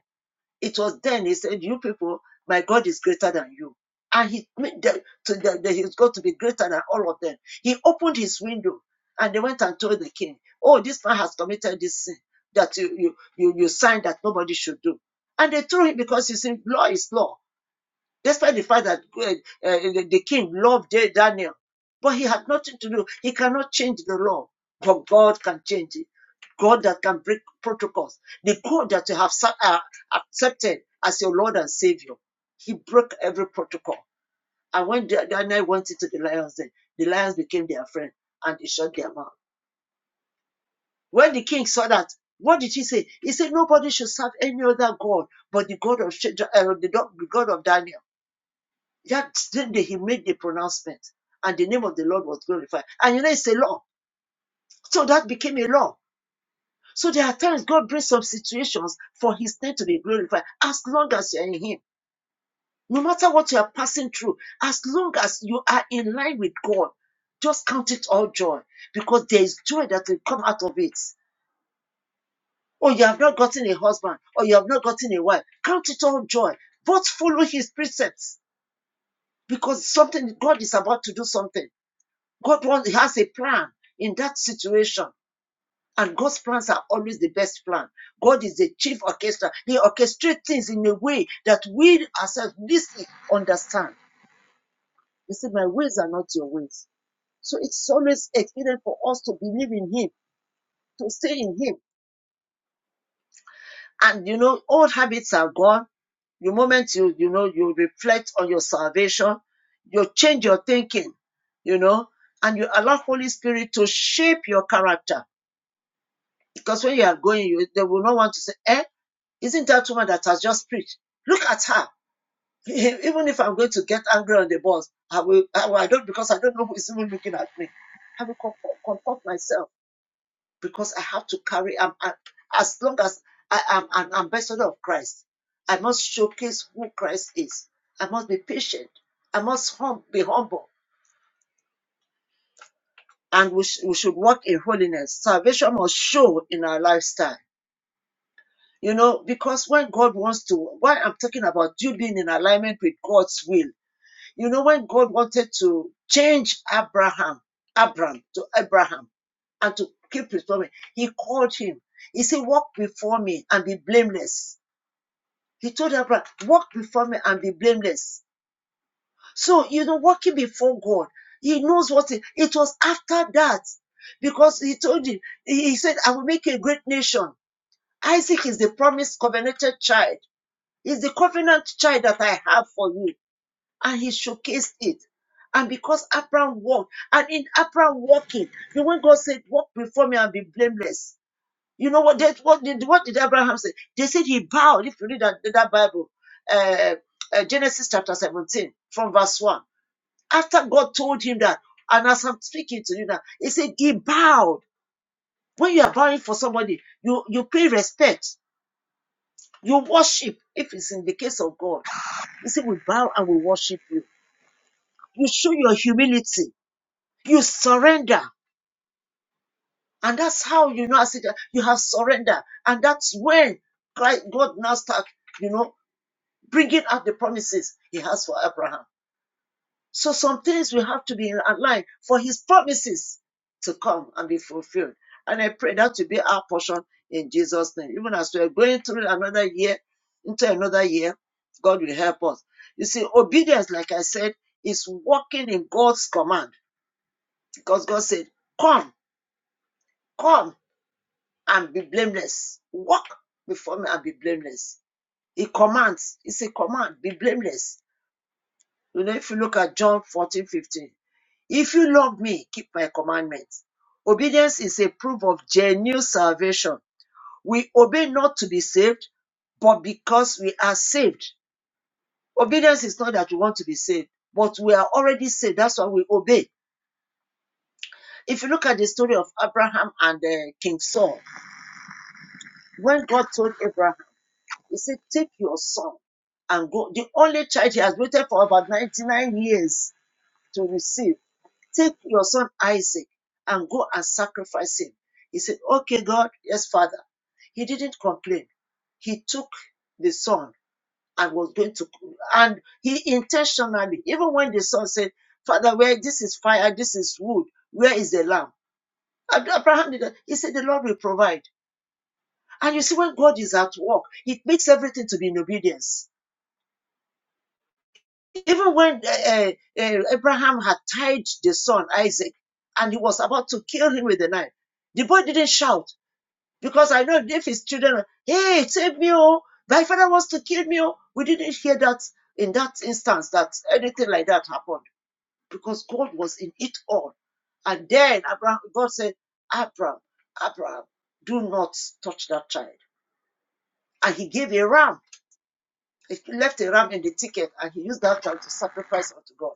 S4: It was then he said, You people, my God is greater than you. And he made them to them that he's going to be greater than all of them. He opened his window and they went and told the king, Oh, this man has committed this sin that you you you, you signed that nobody should do. And they threw him because he said, law is law despite the fact that uh, uh, the, the king loved Daniel, but he had nothing to do. He cannot change the law, but God can change it. God that can break protocols. The God that you have uh, accepted as your Lord and Savior, He broke every protocol. And when Daniel went into the lions, den, the lions became their friend and they shut their mouth. When the king saw that, what did he say? He said, Nobody should serve any other God but the God of Shadrach- uh, the God of Daniel. That same day he made the pronouncement, and the name of the Lord was glorified. And you know, it's a law. So that became a law. So there are times God brings some situations for his name to be glorified as long as you're in him. No matter what you are passing through, as long as you are in line with God, just count it all joy because there is joy that will come out of it. Or you have not gotten a husband, or you have not gotten a wife. Count it all joy. But follow his precepts because something God is about to do something. God wants, has a plan in that situation. And God's plans are always the best plan. God is the chief orchestra. He orchestrates things in a way that we ourselves listening understand. He said, My ways are not your ways. So it's always expedient for us to believe in Him, to stay in Him. And you know, old habits are gone. The moment you, you know, you reflect on your salvation, you change your thinking, you know, and you allow Holy Spirit to shape your character Because when you are going, you, they will not want to say, eh, isn't that woman that has just preached? Look at her. Even if I'm going to get angry on the bus, I will, I, will- I don't, because I don't know who is even looking at me. I will comfort, comfort myself because I have to carry, I'm, I- as long as I am an ambassador of Christ, I must showcase who Christ is. I must be patient. I must hum, be humble. And we, sh- we should walk in holiness. Salvation must show in our lifestyle You know, because when God wants to, why I'm talking about you being in alignment with God's will. You know, when God wanted to change Abraham, Abram to Abraham, and to keep his promise, he called him. He said, "Walk before me and be blameless." He told Abraham, "Walk before me and be blameless." So you know, walking before God, He knows what it, it was after that, because He told him, He said, "I will make a great nation." Isaac is the promised covenanted child it's the covenant child that I have for you. And he showcased it. And because Abraham walked, and in Abraham walking, the when God said, Walk before me and be blameless. You know what that what did what did Abraham say? They said he bowed. If you read that, that Bible, uh, uh, Genesis chapter 17, from verse 1. After God told him that, and as I'm speaking to you now, he said he bowed. When you are bowing for somebody, you you pay respect, you worship if it's in the case of God. You say, We bow and we worship you. You show your humility. You surrender. And that's how you know as it, you have surrender. And that's when God now start, you know, bringing out the promises He has for Abraham. So some things will have to be in line for his promises to come and be fulfilled. And I pray that to be our portion in Jesus' name. Even as we're going through another year, into another year, God will help us. You see, obedience, like I said, is walking in God's command because God said, Come, come and be blameless. Walk before me and be blameless. He commands, it's a command, be blameless. You know, if you look at John 14 15. If you love me, keep my commandments. Obedience is a proof of genuine salvation. We obey not to be saved, but because we are saved. Obedience is not that we want to be saved, but we are already saved. That's why we obey. If you look at the story of Abraham and uh, King Saul, when God told Abraham, He said, Take your son and go. The only child he has waited for about 99 years to receive. Take your son Isaac and go and sacrifice him. He said, Okay, God, yes, Father. He didn't complain. He took the son and was going to, and he intentionally, even when the son said, Father, where this is fire, this is wood, where is the lamb? Abraham did that. He said, The Lord will provide. And you see, when God is at work, it makes everything to be in obedience. Even when uh, uh, uh, Abraham had tied the son Isaac and he was about to kill him with the knife, the boy didn't shout because I know if his children, were, hey, save me, oh, my father wants to kill me, oh, we didn't hear that in that instance that anything like that happened because God was in it all. And then Abraham, God said, Abraham, Abraham, do not touch that child. And he gave a ram, he left a ram in the ticket and he used that ram to sacrifice unto God.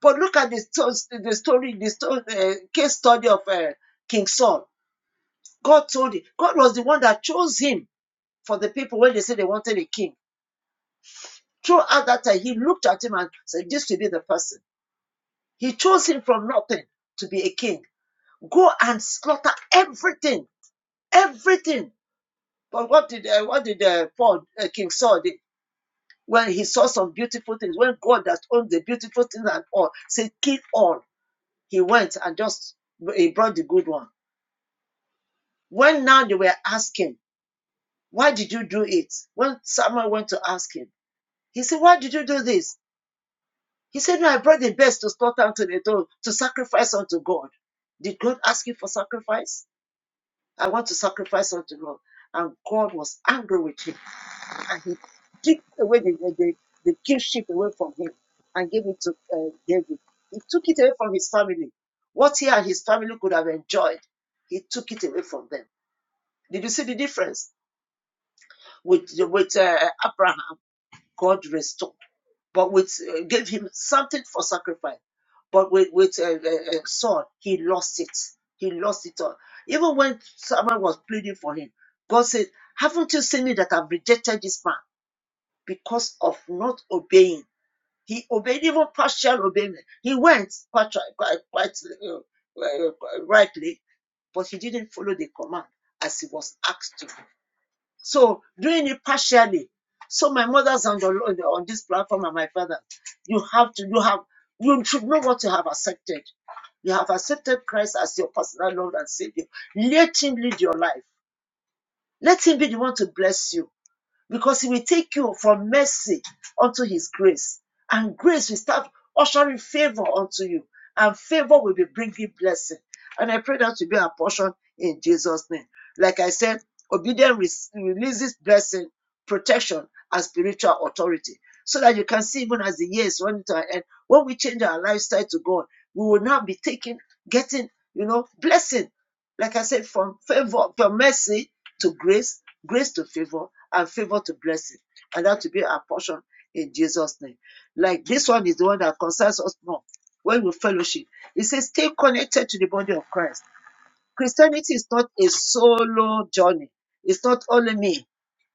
S4: But look at the, sto- the story, the sto- uh, case study of uh, King Saul. God told him, God was the one that chose him for the people when they said they wanted a king. Throughout that time, he looked at him and said, This will be the person. He chose him from nothing to be a king. Go and slaughter everything, everything. But what did uh, what did uh, Paul, uh, King Saul did? When he saw some beautiful things, when God that owned the beautiful things and all said, kill all, he went and just he brought the good one When now they were asking, why did you do it? When someone went to ask him, he said, why did you do this? He said, no, I brought the best to slaughter unto the door, to sacrifice unto God. Did God ask you for sacrifice? I want to sacrifice unto God. And God was angry with him. And he took away the, the, the, kingship away from him and gave it to uh, David. He took it away from his family. What he and his family could have enjoyed, he took it away from them. Did you see the difference? with with uh, Abraham, God restored, but with uh, gave him something for sacrifice. But with with uh, uh, uh, Saul, he lost it. He lost it all. Even when someone was pleading for him, God said, "Haven't you seen it that I've rejected this man because of not obeying? He obeyed even partial obeyment. He went quite quite, quite uh, uh, rightly, but he didn't follow the command as he was asked to." So doing it partially. So my mother's on the on on this platform and my father, you have to you have you should know what you have accepted. You have accepted Christ as your personal Lord and Savior. Let Him lead your life. Let Him be the one to bless you because He will take you from mercy unto His grace, and grace will start ushering favor unto you, and favor will be bringing blessing. And I pray that to be our portion in Jesus' name. Like I said, obedience releases blessing, protection, and spiritual authority. So that you can see, even as the years run to an end, when we change our lifestyle to God, we will now be taking, getting, you know, blessing. Like I said, from favor, from mercy to grace, grace to favor, and favor to blessing. And that to be our portion in Jesus' name. Like this one is the one that concerns us more when we fellowship. It says, stay connected to the body of Christ. Christianity is not a solo journey, it's not only me,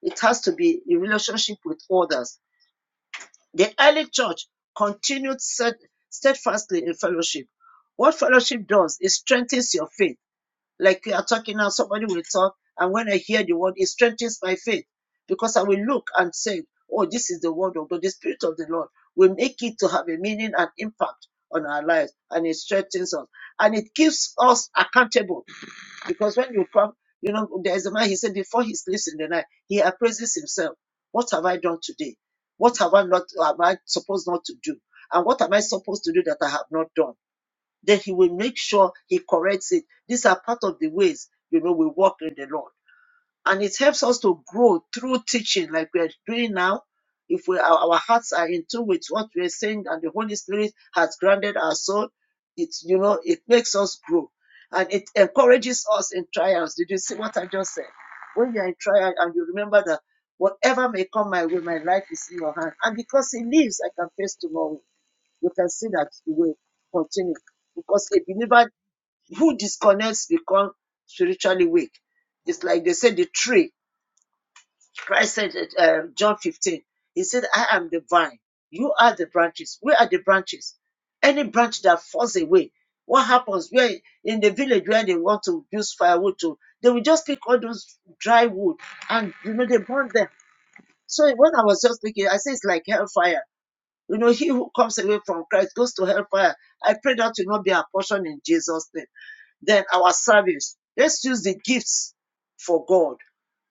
S4: it has to be in relationship with others. The early church continued sted- steadfastly in fellowship. What fellowship does, it strengthens your faith like we are talking now, somebody will talk, and when I hear the word, it strengthens my faith because I will look and say, Oh, this is the word of God. The Spirit of the Lord will make it to have a meaning and impact on our lives, and it strengthens us. And it keeps us accountable because when you come, you know, there's a man, he said, before he sleeps in the night, he appraises himself. What have I done today? What have I not, am I supposed not to do? And what am I supposed to do that I have not done? then he will make sure he corrects it. These are part of the ways, you know, we walk in the Lord. And it helps us to grow through teaching like we are doing now. If we our, hearts are in tune with what we are saying and the Holy Spirit has granted our soul, it's you know, it makes us grow and it encourages us in trials. Did you see what I just said? When you're in trial and you remember that whatever may come my way, my life is in your hand. And because he lives, I can face tomorrow you can see that it will continue because a believer who disconnects become spiritually weak. It's like they said the tree. Christ said, it, uh, John 15, He said, I am the vine. You are the branches. Where are the branches. Any branch that falls away, what happens? Where in the village where they want to use firewood to, they will just pick all those dry wood and you know they burn them. So when I was just thinking, I say it's like hellfire you know, he who comes away from Christ goes to hellfire. I pray that will not be our portion in Jesus' name. Then our service. Let's use the gifts for God.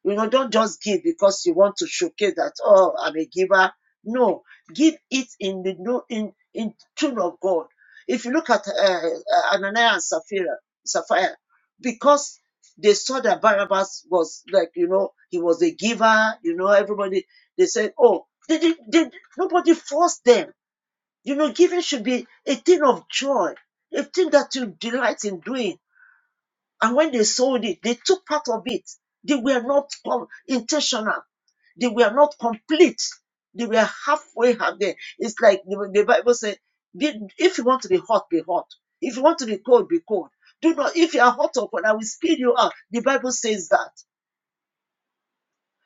S4: You know, don't just give because you want to showcase that, oh, I'm a giver. No, give it in the no in in tune of God. If you look at uh, uh, Ananias and Sapphira, Sapphira, because they saw that Barabbas was like, you know, he was a giver, you know, everybody, they said, oh, they, did nobody forced them you know, giving should be a thing of joy, a thing that you delight in doing. And when they sold it, they took part of it. They were not com- intentional. They were not complete. They were halfway halfway. It's like the, the Bible said, "Be- if you want to be hot, be hot. If you want to be cold, be cold. Do not, if you are hot or cold, I will spit you out. The Bible says that.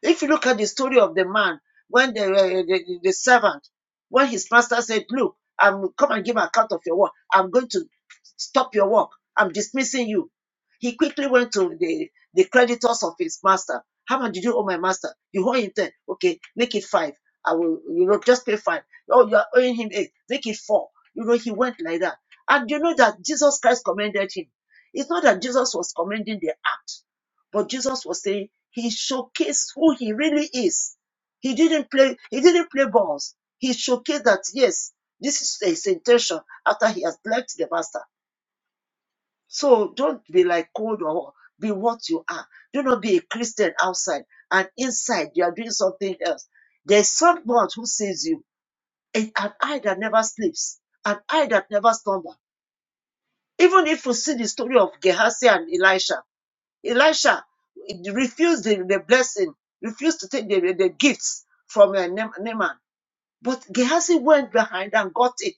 S4: If you look at the story of the man, when the, uh, the, the servant, when his master said, Look, I'm come and give account of your work. I'm going to stop your work. I'm dismissing you. He quickly went to the, the creditors of his master. How much did you owe my master? You owe him 10. Okay, make it five. I will, you know, just pay five. Oh, you are owing him eight. Make it four. You know, he went like that. And you know that Jesus Christ commended him. It's not that Jesus was commending the act. But Jesus was saying he showcased who he really is. He didn't play, he didn't play balls. He showcased that yes, this is his intention after he has left the master. So don't be like cold or be what you are. Do not be a Christian outside and inside you are doing something else. There's someone who sees you, and an eye that never sleeps, an eye that never slumbers. Even if you see the story of Gehazi and Elisha, Elisha refused the, the blessing, refused to take the, the, the gifts from uh, Na- Naaman. But Gehazi went behind and got it.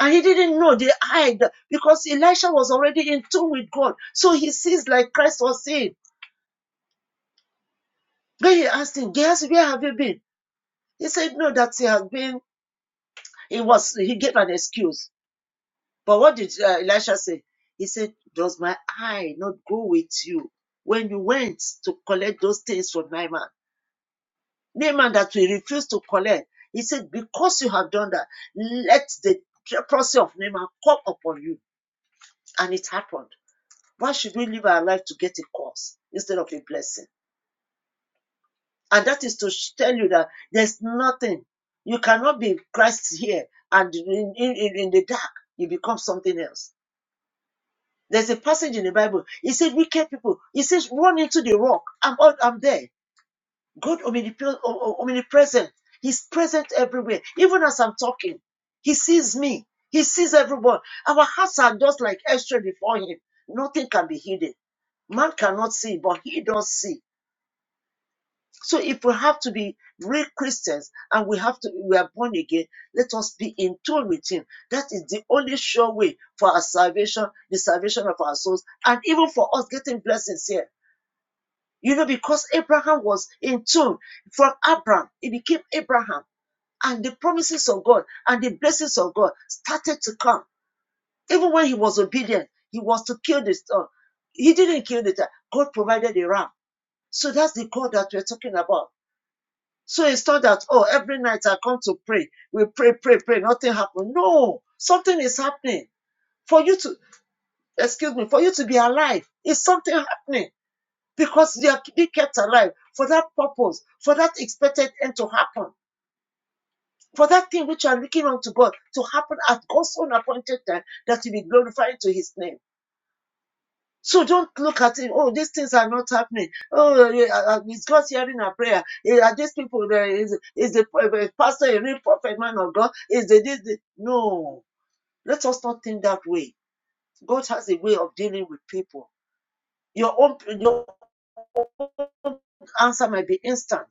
S4: And he didn't know the hide because Elisha was already in tune with God. So he sees like Christ was seeing. Then he asked him, Gehazi, where have you been? He said, No, that he has been. He was, he gave an excuse. But what did uh, Elisha say? He said, Does my eye not go with you when you went to collect those things from Naaman? Naaman that we refused to collect. He said, Because you have done that, let the leprosy of Naaman come upon you. And it happened. Why should we live our life to get a curse instead of a blessing? And that is to tell you that there's nothing. You cannot be Christ here and in, in, in the dark, you become something else. There's a passage in the Bible. It said, Wicked people, it says, run into the rock. I'm, I'm there. God omnipresent. He's present everywhere. Even as I'm talking, He sees me. He sees everyone. Our hearts are just like extra before Him. Nothing can be hidden. Man cannot see, but He does see. So if we have to be real Christians and we have to we are born again, let us be in tune with Him. That is the only sure way for our salvation, the salvation of our souls, and even for us getting blessings here. You know, because Abraham was in tune from Abram, it became Abraham, and the promises of God and the blessings of God started to come. Even when he was obedient, he was to kill the son. He didn't kill the child. God provided a ram. So that's the God that we're talking about. So it's not that, oh, every night I come to pray. We pray, pray, pray, nothing happens. No, something is happening. For you to, excuse me, for you to be alive, is something happening. because they are being kept alive for that purpose, for that expected end to happen, for that thing which you are looking unto God to happen at God's own appointed time that will be glorifying to His name. So don't look at it. Oh, these things are not happening. Oh, eh, uh, uh, is God hearing our prayer? Eh, Are these people there? Is is the uh, uh, pastor a real prophet man of God? Is the this? the-" No, let us not think that way. God has a way of dealing with people. Your own your answer might be instant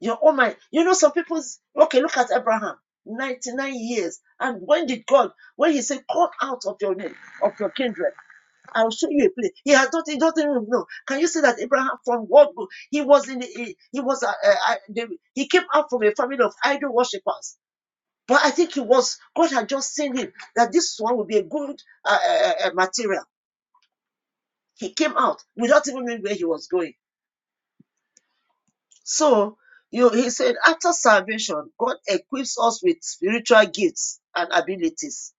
S4: Your own mind. You know, some people's okay, look at Abraham, 99 years. And when did God, when he said, Come out of your name, of your kindred, I'll show you a place. He had not, he doesn't even know. Can you see that Abraham from what he was in he, he was uh, uh, they, he came out from a family of idol worshippers. But I think he was God had just seen him that this one would be a good uh, uh, uh, uh, material. He came out without even knowing where he was going So you he said after salvation, God equips us with spiritual gifts and abilities.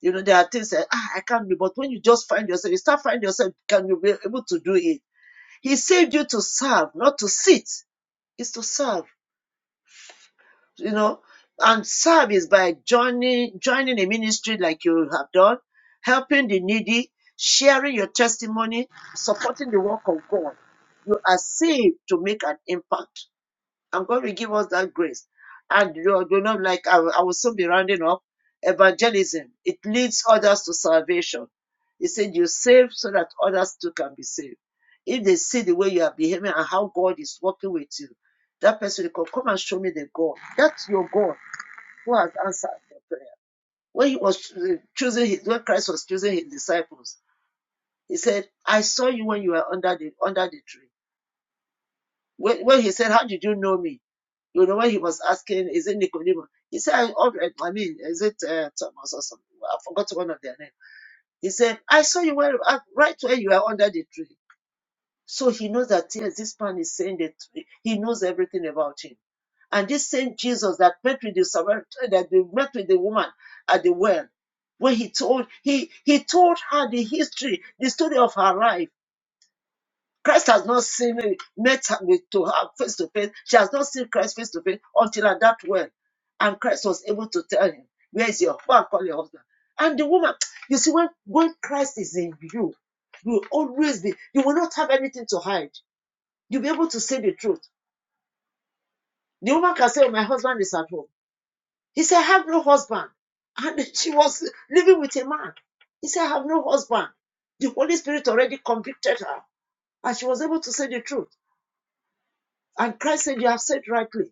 S4: You know, there are things that ah, I can't do, but when you just find yourself, you start finding yourself, can you be able to do it? He saved you to serve, not to sit. It's to serve, you know. And serve is by joining joining a ministry like you have done, helping the needy, sharing your testimony, supporting the work of God. You are saved to make an impact And God will give us that grace. And you know, you know, like I, will- I will soon be rounding up evangelism. It leads others to salvation. He said, You save so that others too can be saved. If they see the way you are behaving and how God is working with you, that person will come, come and show me the God. That's your God who has answered your prayer. When he was uh, choosing his, when Christ was choosing his disciples, he said, I saw you when you were under the under the tree. When, when he said, How did you know me? You know, when he was asking, is it Nicodemus? He said, oh, I mean, is it uh, Thomas or something? I forgot one of their name. He said, I saw you where, uh, right where you are under the tree. So he knows that yes, this man is saying that he knows everything about him. And this same Jesus that met with the Samaritan, that they met with the woman at the well, when he told he he told her the history, the story of her life Christ has not seen me, met her with, to her face to face. She has not seen Christ face to face until at that well. And Christ was able to tell him, Where is your husband? Call your husband. And the woman, you see, when, when Christ is in you, you will always be, you will not have anything to hide. You'll be able to say the truth. The woman can say, My husband is at home. He said, I have no husband. And she was living with a man. He said, I have no husband. The Holy Spirit already convicted her. And she was able to say the truth. And Christ said, You have said rightly.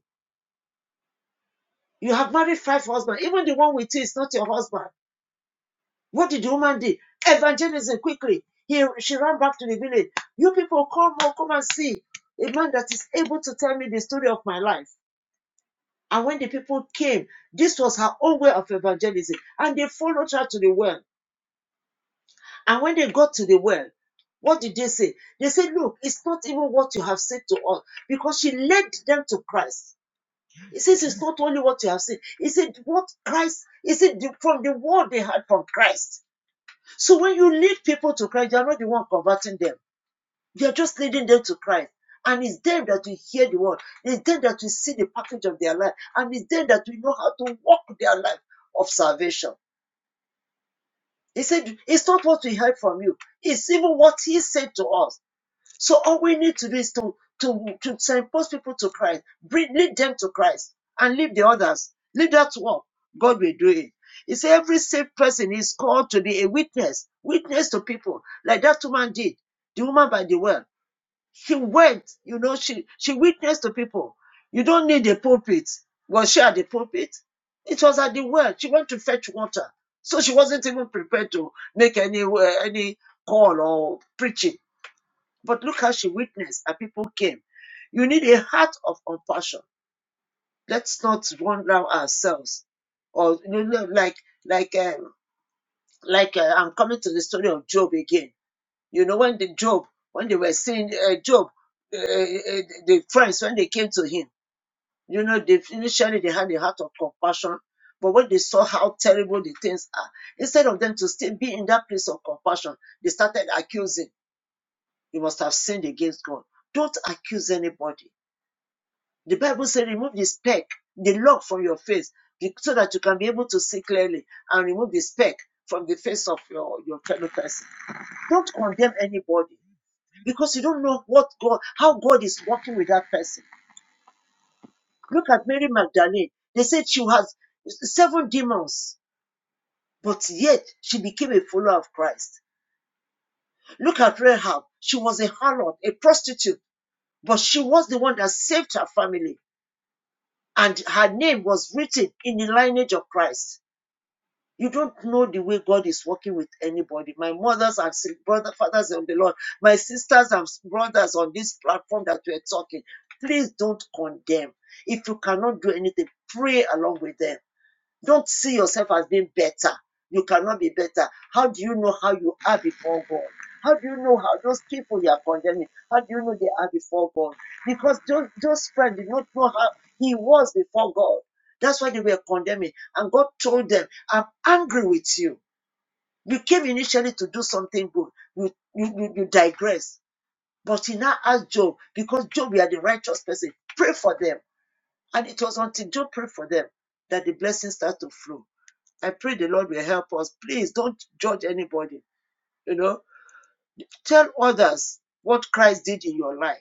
S4: You have married five husbands. Even the one with you is not your husband. What did the woman do? Evangelism quickly. He, she ran back to the village. You people come on, come and see a man that is able to tell me the story of my life. And when the people came, this was her own way of evangelism. And they followed her to the well. And when they got to the well, what did they say? They said, Look, it's not even what you have said to us, because she led them to Christ. He says it's not only what you have seen. He said what Christ, he said from the word they had from Christ. So when you lead people to Christ, you're not the one converting them. You're just leading them to Christ. And it's them that will hear the word. It's them that will see the package of their life. And it's them that will know how to walk their life of salvation. He said, it's not what we heard from you. It's even what he said to us. So all we need to do is to to to impose people to Christ, bring lead them to Christ, and leave the others. Leave that work. God will do it. He said every saved person is called to be a witness, witness to people, like that woman did. The woman by the well, she went. You know, she she witnessed to people. You don't need a pulpit. Was she at the pulpit? It was at the well. She went to fetch water, so she wasn't even prepared to make any uh, any call or preaching but look how she witnessed and people came. You need a heart of compassion. Let's not run down ourselves. Or you know, like like um, like uh, I'm coming to the story of Job again. You know when the Job when they were seeing uh, Job, uh, uh, the friends when they came to him, you know they initially they had a heart of compassion, but when they saw how terrible the things are, instead of them to still be in that place of compassion, they started accusing. You must have sinned against God. Don't accuse anybody The Bible said, remove the speck, the log from your face, so that you can be able to see clearly and remove the speck from the face of your, your fellow person. Don't condemn anybody because you don't know what God, how God is working with that person. Look at Mary Magdalene. They said she has seven demons, but yet she became a follower of Christ. Look at Rahab. She was a harlot, a prostitute, but she was the one that saved her family. And her name was written in the lineage of Christ. You don't know the way God is working with anybody. My mothers and brothers, fathers on the Lord, my sisters and brothers on this platform that we're talking, please don't condemn. If you cannot do anything, pray along with them don't see yourself as being better. You cannot be better. How do you know how you are before God? How do you know how those people you are condemning? How do you know they are before God? Because those, those friends did not know how he was before God. That's why they were condemning. And God told them, I'm angry with you. You came initially to do something good. You, you, you, you digress. But he now asked Job, because Job, we are the righteous person, pray for them. And it was until Job prayed for them that the blessings started to flow I pray the Lord will help us. Please don't judge anybody. You know, tell others what Christ did in your life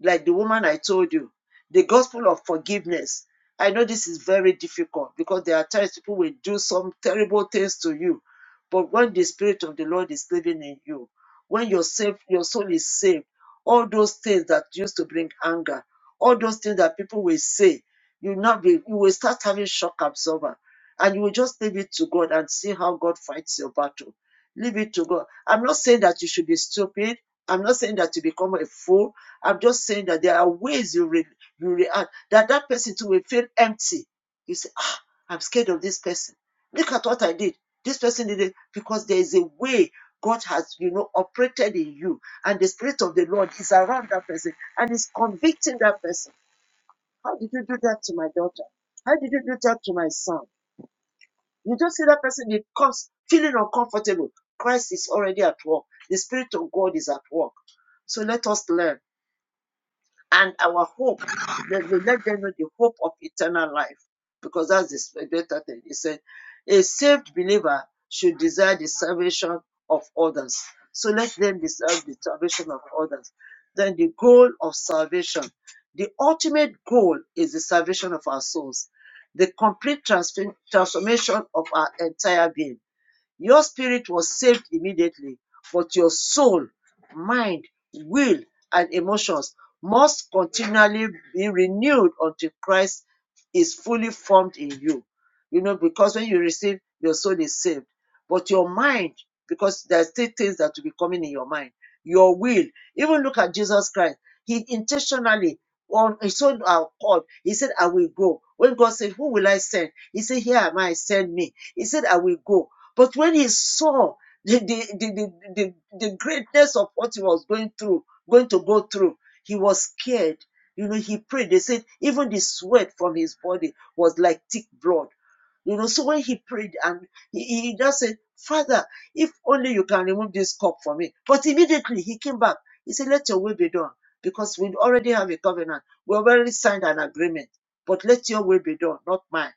S4: like the woman I told you, the gospel of forgiveness. I know this is very difficult because there are times people will do some terrible things to you. But when the Spirit of the Lord is living in you, when you're saved, your soul is saved, all those things that used to bring anger, all those things that people will say, you not be, you will start having shock absorber. And you will just leave it to God and see how God fights your battle. Leave it to God. I'm not saying that you should be stupid. I'm not saying that you become a fool. I'm just saying that there are ways you re- you react that that person too will feel empty. You say, ah, I'm scared of this person. Look at what I did. This person did it because there is a way God has, you know, operated in you, and the spirit of the Lord is around that person and is convicting that person. How did you do that to my daughter? How did you do that to my son? You just see that person becomes feeling uncomfortable. Christ is already at work. The spirit of God is at work. So let us learn and our hope that we let them know the hope of eternal life because that's the better thing he said a saved believer should desire the salvation of others so let them desire the salvation of others then the goal of salvation the ultimate goal is the salvation of our souls the complete transfer- transformation of our entire being your spirit was saved immediately, but your soul, mind, will, and emotions must continually be renewed until Christ is fully formed in you. You know, because when you receive, your soul is saved. But your mind, because there are still things that will be coming in your mind, your will. Even look at Jesus Christ. He intentionally on his own accord, he said, I will go. When God said, Who will I send? He said, Here am I, send me. He said, I will go but when he saw the, the, the, the, the, the greatness of what he was going through, going to go through, he was scared. You know, he prayed. They said even the sweat from his body was like thick blood. You know, so when he prayed and he, he just said, Father, if only you can remove this cup from me. But immediately he came back. He said, Let your will be done. Because we already have a covenant. We already signed an agreement. But let your will be done, not mine.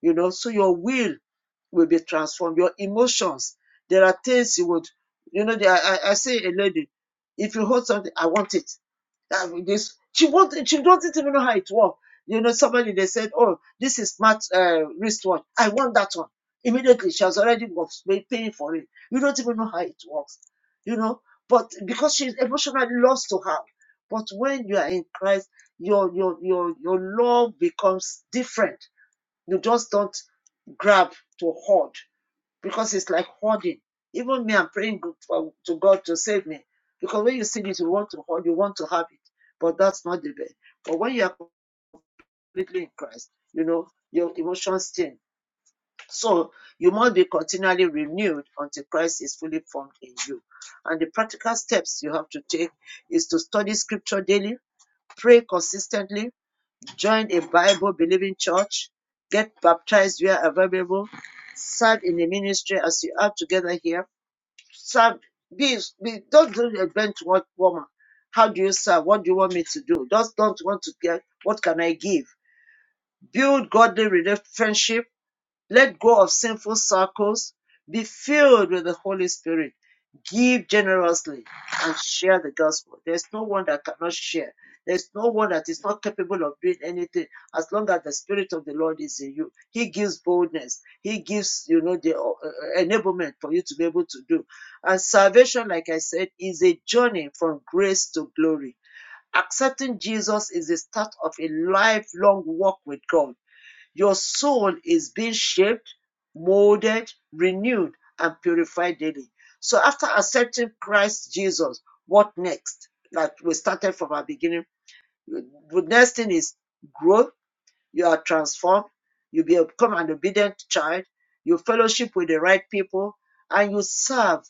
S4: You know, so your will will be transformed. Your emotions. There are things you would, you know, there, I, I I say a lady, if you hold something, I want it. That this, she won't, she doesn't even know how it works. You know, somebody they said, oh, this is smart uh, wristwatch. I want that one. Immediately, she has already paying for it. You don't even know how it works. You know, but because she's emotionally lost to her. But when you are in Christ, your your your your love becomes different you just don't grab to hoard because it's like hoarding. Even me, I'm praying to God to save me because when you see this, you want to hoard, you want to have it, but that's not the way. But when you are completely in Christ, you know, your emotions change. So you must be continually renewed until Christ is fully formed in you. And the practical steps you have to take is to study scripture daily, pray consistently, join a Bible believing church, get baptized where available, serve in the ministry as you are together here. Serve, be, be don't do a bench what warmer. How do you serve? What do you want me to do? Just don't want to get what can I give? Build godly relationship let go of sinful circles. Be filled with the Holy Spirit. Give generously and share the gospel. There's no one that cannot share. There's no one that is not capable of doing anything as long as the Spirit of the Lord is in you. He gives boldness. He gives, you know, the uh, uh, enablement for you to be able to do. And salvation, like I said, is a journey from grace to glory. Accepting Jesus is the start of a lifelong walk with God your soul is being shaped, molded, renewed, and purified daily. So after accepting Christ Jesus, what next? Like we started from our beginning. The next thing is growth. You are transformed. You become an obedient child. You fellowship with the right people, and you serve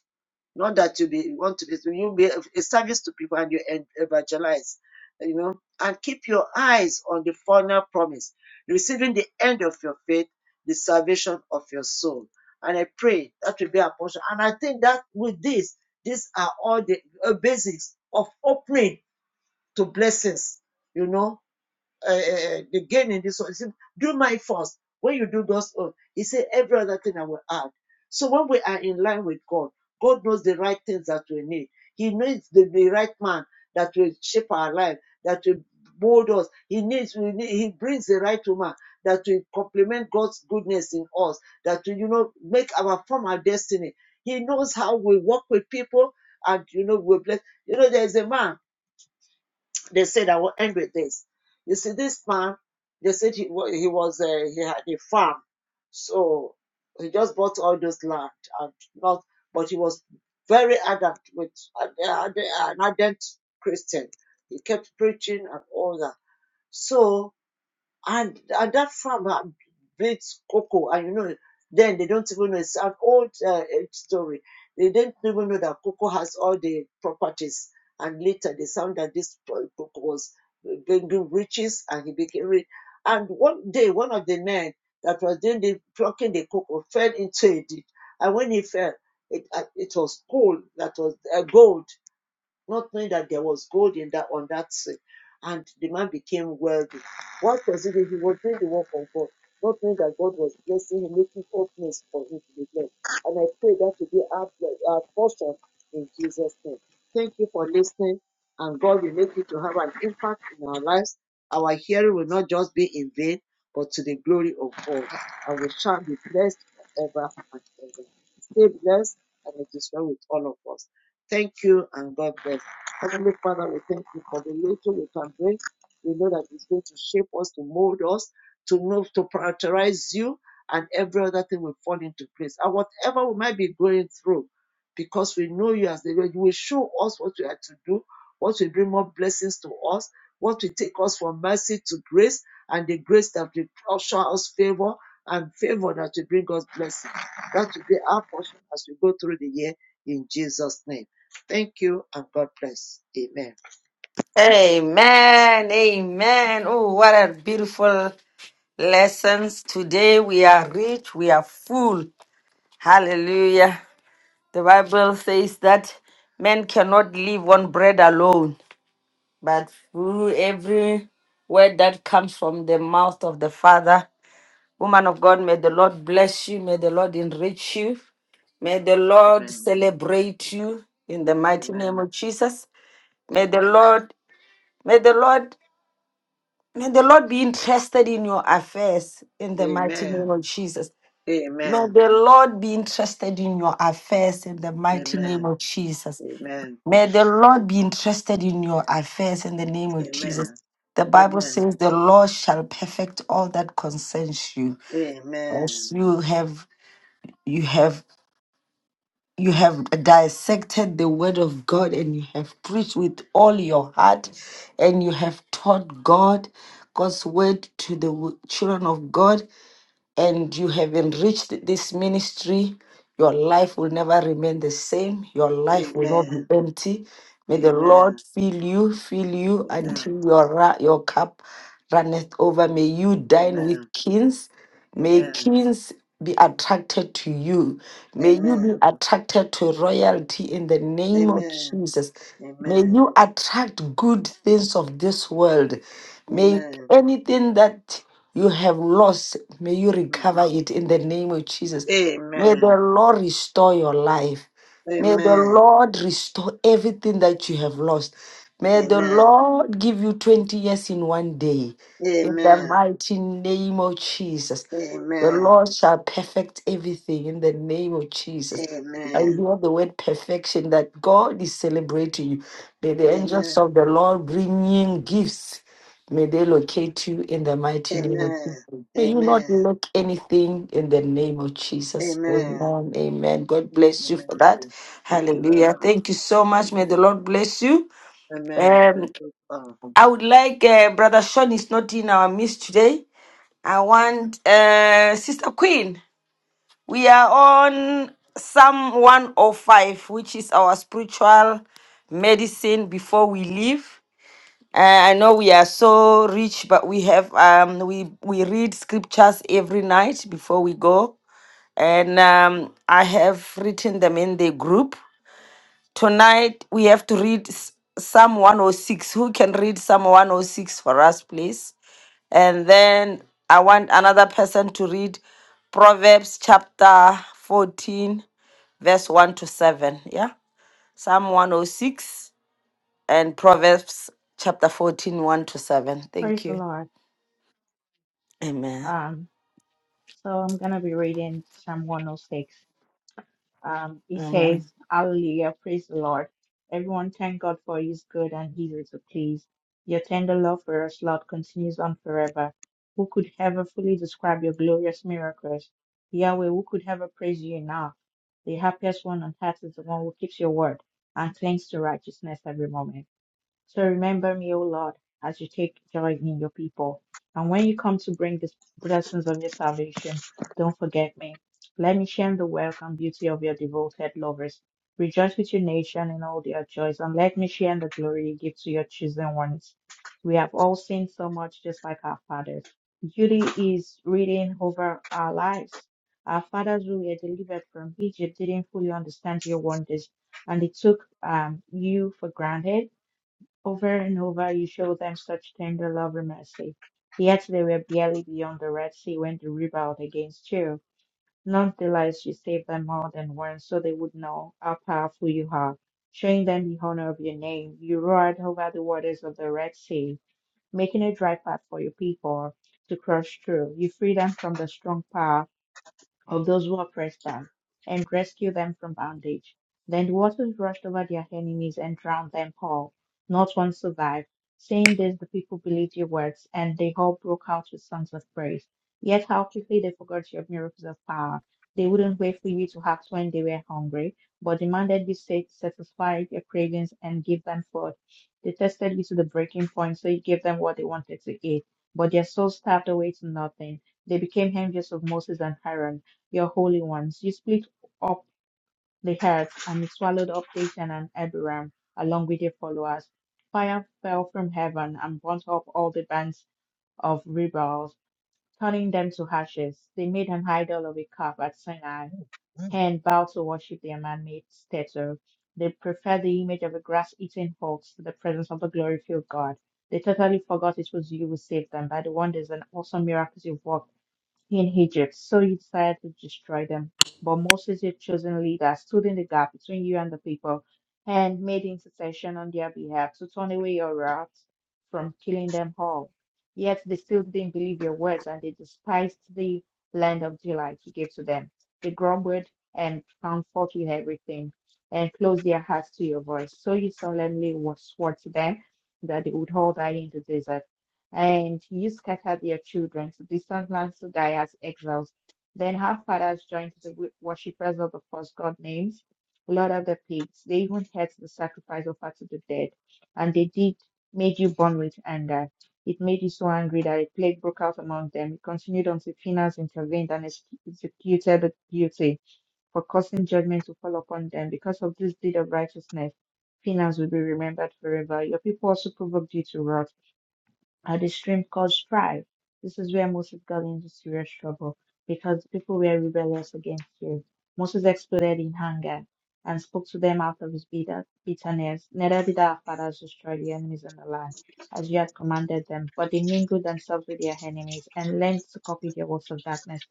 S4: not that you be want to be you be a service to people and you en- evangelize, you know, and keep your eyes on the final promise, receiving the end of your faith, the salvation of your soul. And I pray that will be our portion. And I think that with this, these are all the uh, basics of opening to blessings, you know, uh, uh, the gain in this one. He said, do my first. When you do those, uh, he said, every other thing I will add. So when we are in line with God, God knows the right things that we need. He needs the, the right man that will shape our life, that will mold us. He needs, we need, he brings the right woman that will complement God's goodness in us, that will, you know, make our form our destiny. He knows how we work with people and, you know, we bless. You know, there's a man they said I will end with this. You see, this man, they said he, wa- he was uh, he had a farm, so he just bought all those land and not, but he was very ardent with an an ardent Christian. He kept preaching and all that. So and at that farm had breeds cocoa, and you know, then they don't even know it's an old uh, eh, story. They didn't even know that cocoa has all the properties. And later they found that this cocoa was bringing riches, and he became rich. And one day, one of the men that was doing the plucking the cocoa fell into a ditch, and when he fell, it uh, it was gold that was uh, gold not knowing that there was gold in that on that sea. And the man became wealthy. What was it? He was doing the work of God, not knowing that God was blessing him, making openings for him to be blessed. And I pray that to be our, our portion in Jesus' name. Thank you for listening, and God will make it to have an impact in our lives. Our hearing will not just be in vain, but to the glory of God. And we shall be blessed forever and ever. Stay blessed and it is well with all of us. Thank you and God bless. Heavenly Father, we thank you for the little we can bring. We know that it's going to shape us, to mold us, to know, to prioritize you, and every other thing will fall into place. And whatever we might be going through, because we know you as the Lord, you will show us what we have to do, what will bring more blessings to us, what will take us from mercy to grace, and the grace that will show us favor, and favor that will bring us blessing. That will be our portion as we go through the year in Jesus' name. Thank you and God bless. Amen.
S1: Amen. Amen. Oh, what a beautiful lessons. Today we are rich, we are full. Hallelujah. The Bible says that men cannot live on bread alone, but through every word that comes from the mouth of the Father. Woman of God, may the Lord bless you, may the Lord enrich you. May the Lord
S4: Amen.
S1: celebrate you in the mighty name
S4: Amen.
S1: of Jesus. May the Lord, may the Lord, may the Lord be interested in your affairs in
S4: Amen.
S1: the mighty
S4: Amen.
S1: name of Jesus. May
S4: Amen.
S1: the Lord be interested in your affairs in the mighty name
S4: Amen.
S1: of Jesus.
S4: Amen.
S1: May the Lord be interested in your affairs in the name of Jesus.
S4: Amen.
S1: The Bible
S4: Amen.
S1: says the Lord shall perfect all that concerns you.
S4: Amen.
S1: As you have you have you have dissected the word of God and you have preached with all your heart and you have taught God God's word to the w- children of God and you have enriched this ministry. Your life will never remain the same. Your life will not
S4: Amen.
S1: be empty.
S4: Amen.
S1: May the
S4: Amen.
S1: Lord fill you, fill you until your, ra- your cup runneth over. May you dine with
S4: Amen.
S1: kings. May
S4: Amen.
S1: kings be attracted to you. May you be
S4: Amen.
S1: attracted to royalty in the name of
S4: Amen.
S1: Jesus. May
S4: Amen.
S1: you attract good things of this world. May
S4: Amen.
S1: anything that you have lost. May you
S4: Hmm.
S1: recover it in the name of Jesus. May the
S4: Amen.
S1: Lord restore your life. May the
S4: Amen.
S1: Lord restore everything that you have lost. May the
S4: Amen.
S1: Lord give you 20 years in one day. In the
S4: Amen.
S1: mighty name of Jesus. The
S4: Amen.
S1: Lord shall perfect everything in the name of Jesus. I would love the word perfection that God is celebrating you. May the
S4: Amen.
S1: angels of
S4: Amen.
S1: the Lord bring in gifts. May they locate you in the mighty name of
S4: Amen.
S1: Jesus. May you not
S4: Amen.
S1: lack anything in the name of Jesus.
S4: Amen.
S1: Amen. Amen. God bless you for
S4: Amen.
S1: that.
S4: Thank you
S1: Hallelujah.
S4: very
S1: Thank you so much.
S4: much.
S1: May the Lord bless you.
S4: Amen.
S1: Um,
S4: Bless us all.
S1: I would like uh, Brother Sean is not in our midst today. I want uh, Sister Queen. We are on Psalm 105, which is our spiritual medicine before we leave. Uh, I know we are so rich, but we have um we we read scriptures every night before we go, and um I have written them in the group. Tonight we have to read S- Psalm 106. Who can read Psalm 106 for us, please? And then I want another person to read Proverbs chapter 14, verse 1 to 7. Yeah? Psalm 106 and Proverbs chapter fourteen, one to 7. Thank
S5: Praise the
S1: you.
S5: Lord.
S1: Amen.
S5: Um, so I'm going to be reading Psalm 106. Um, it
S1: Amen.
S5: says, Hallelujah, praise the Lord. Everyone thank God for his good and easy to please. Your tender love for us, Lord, continues on forever. Who could ever fully describe your glorious miracles? Yahweh, who could ever praise you enough? The happiest one on earth is the one who keeps your word and clings to righteousness every moment. So remember me, O Lord, as you take joy in your people. And when you come to bring the blessings of your salvation, don't forget me. Let me share in the wealth and beauty of your devoted lovers. Rejoice with your nation in all their joys, and let me share in the glory you give to your chosen ones. We have all sinned so much, just like our fathers. Duty is reading over our lives. Our fathers, who were delivered from Egypt, didn't fully understand your wonders, and they took um, you for granted over and over you show them such tender love and mercy. Yet they were barely beyond the Red Sea when they rebelled against you. Nonetheless, you saved them more than once so they would know how powerful you are. Showing them the honor of your name, you roared over the waters of the Red Sea, making a dry path for your people to cross through. You freed them from the strong power of those who oppressed them and rescue them from bondage. Then the waters rushed over their enemies and drowned them all. Not one survived. Saying this, the people believed your words, and they all broke out with songs of praise. Yet how quickly they forgot your miracles of power. They wouldn't wait for you to act when they were hungry, but demanded you sat- satisfy their cravings and give them food. They tested you to the breaking point, so you gave them what they wanted to eat, but their souls starved away to nothing. They became envious of Moses and Aaron your holy ones. You split up the earth, and it swallowed up Datan and Abiram, along with their followers. Fire fell from heaven and burnt up all the bands of rebels, turning them to ashes. They made an idol of a calf at Sinai,
S4: Mm.
S5: and vowed to worship their man-made statue. They preferred the image of a grass-eating ox to the presence of the glory-filled God. They totally forgot it was you who saved them by the wonders and awesome miracles you worked in Egypt, so you decided to destroy them. But Moses, your chosen leader, stood in the gap between you and the people and made intercession on their behalf to turn away your wrath from killing them all. Yet they still didn't believe your words and they despised the land of delight you gave to them. They grumbled and found fault with everything and closed their hearts to your voice. So you solemnly swore to them that they would all die in the desert. And you scattered their children to distant lands to die as exiles. Then her fathers joined the wo- worshippers of the false god names, Lord of the pigs. They even ate the sacrifice offered to the dead, and they did made you burn with anger. It made you so angry that a plague broke out among them. It continued until Phinehas intervened and ex- executed the guilty for causing judgment to fall upon them. Because of this deed of righteousness, Phinehas will be remembered forever. Your people also provoked you to wrath uh, the stream called Strive. This is where Moses got into serious trouble because people were rebellious against you. Moses exploded in anger and spoke to them out of his bitter- bitterness. Neither did our fathers destroy the enemies in the land, as you had commanded them, but they mingled themselves with their enemies and learned to copy their works of darkness.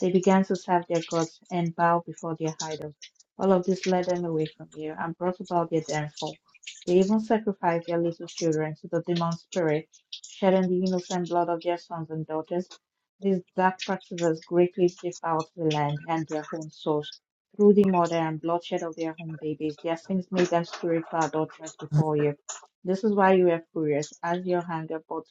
S5: They began to serve their gods and bow before their idols. All of this led them away from you and brought about their downfall. They even sacrificed their little children to the demon spirits shedding the innocent blood of their sons and daughters. These dark practices greatly defiled the land and their own souls. Through the murder and bloodshed of their own babies, their sins made them spiritual adulterers before you. This is why you are furious, as your anger brought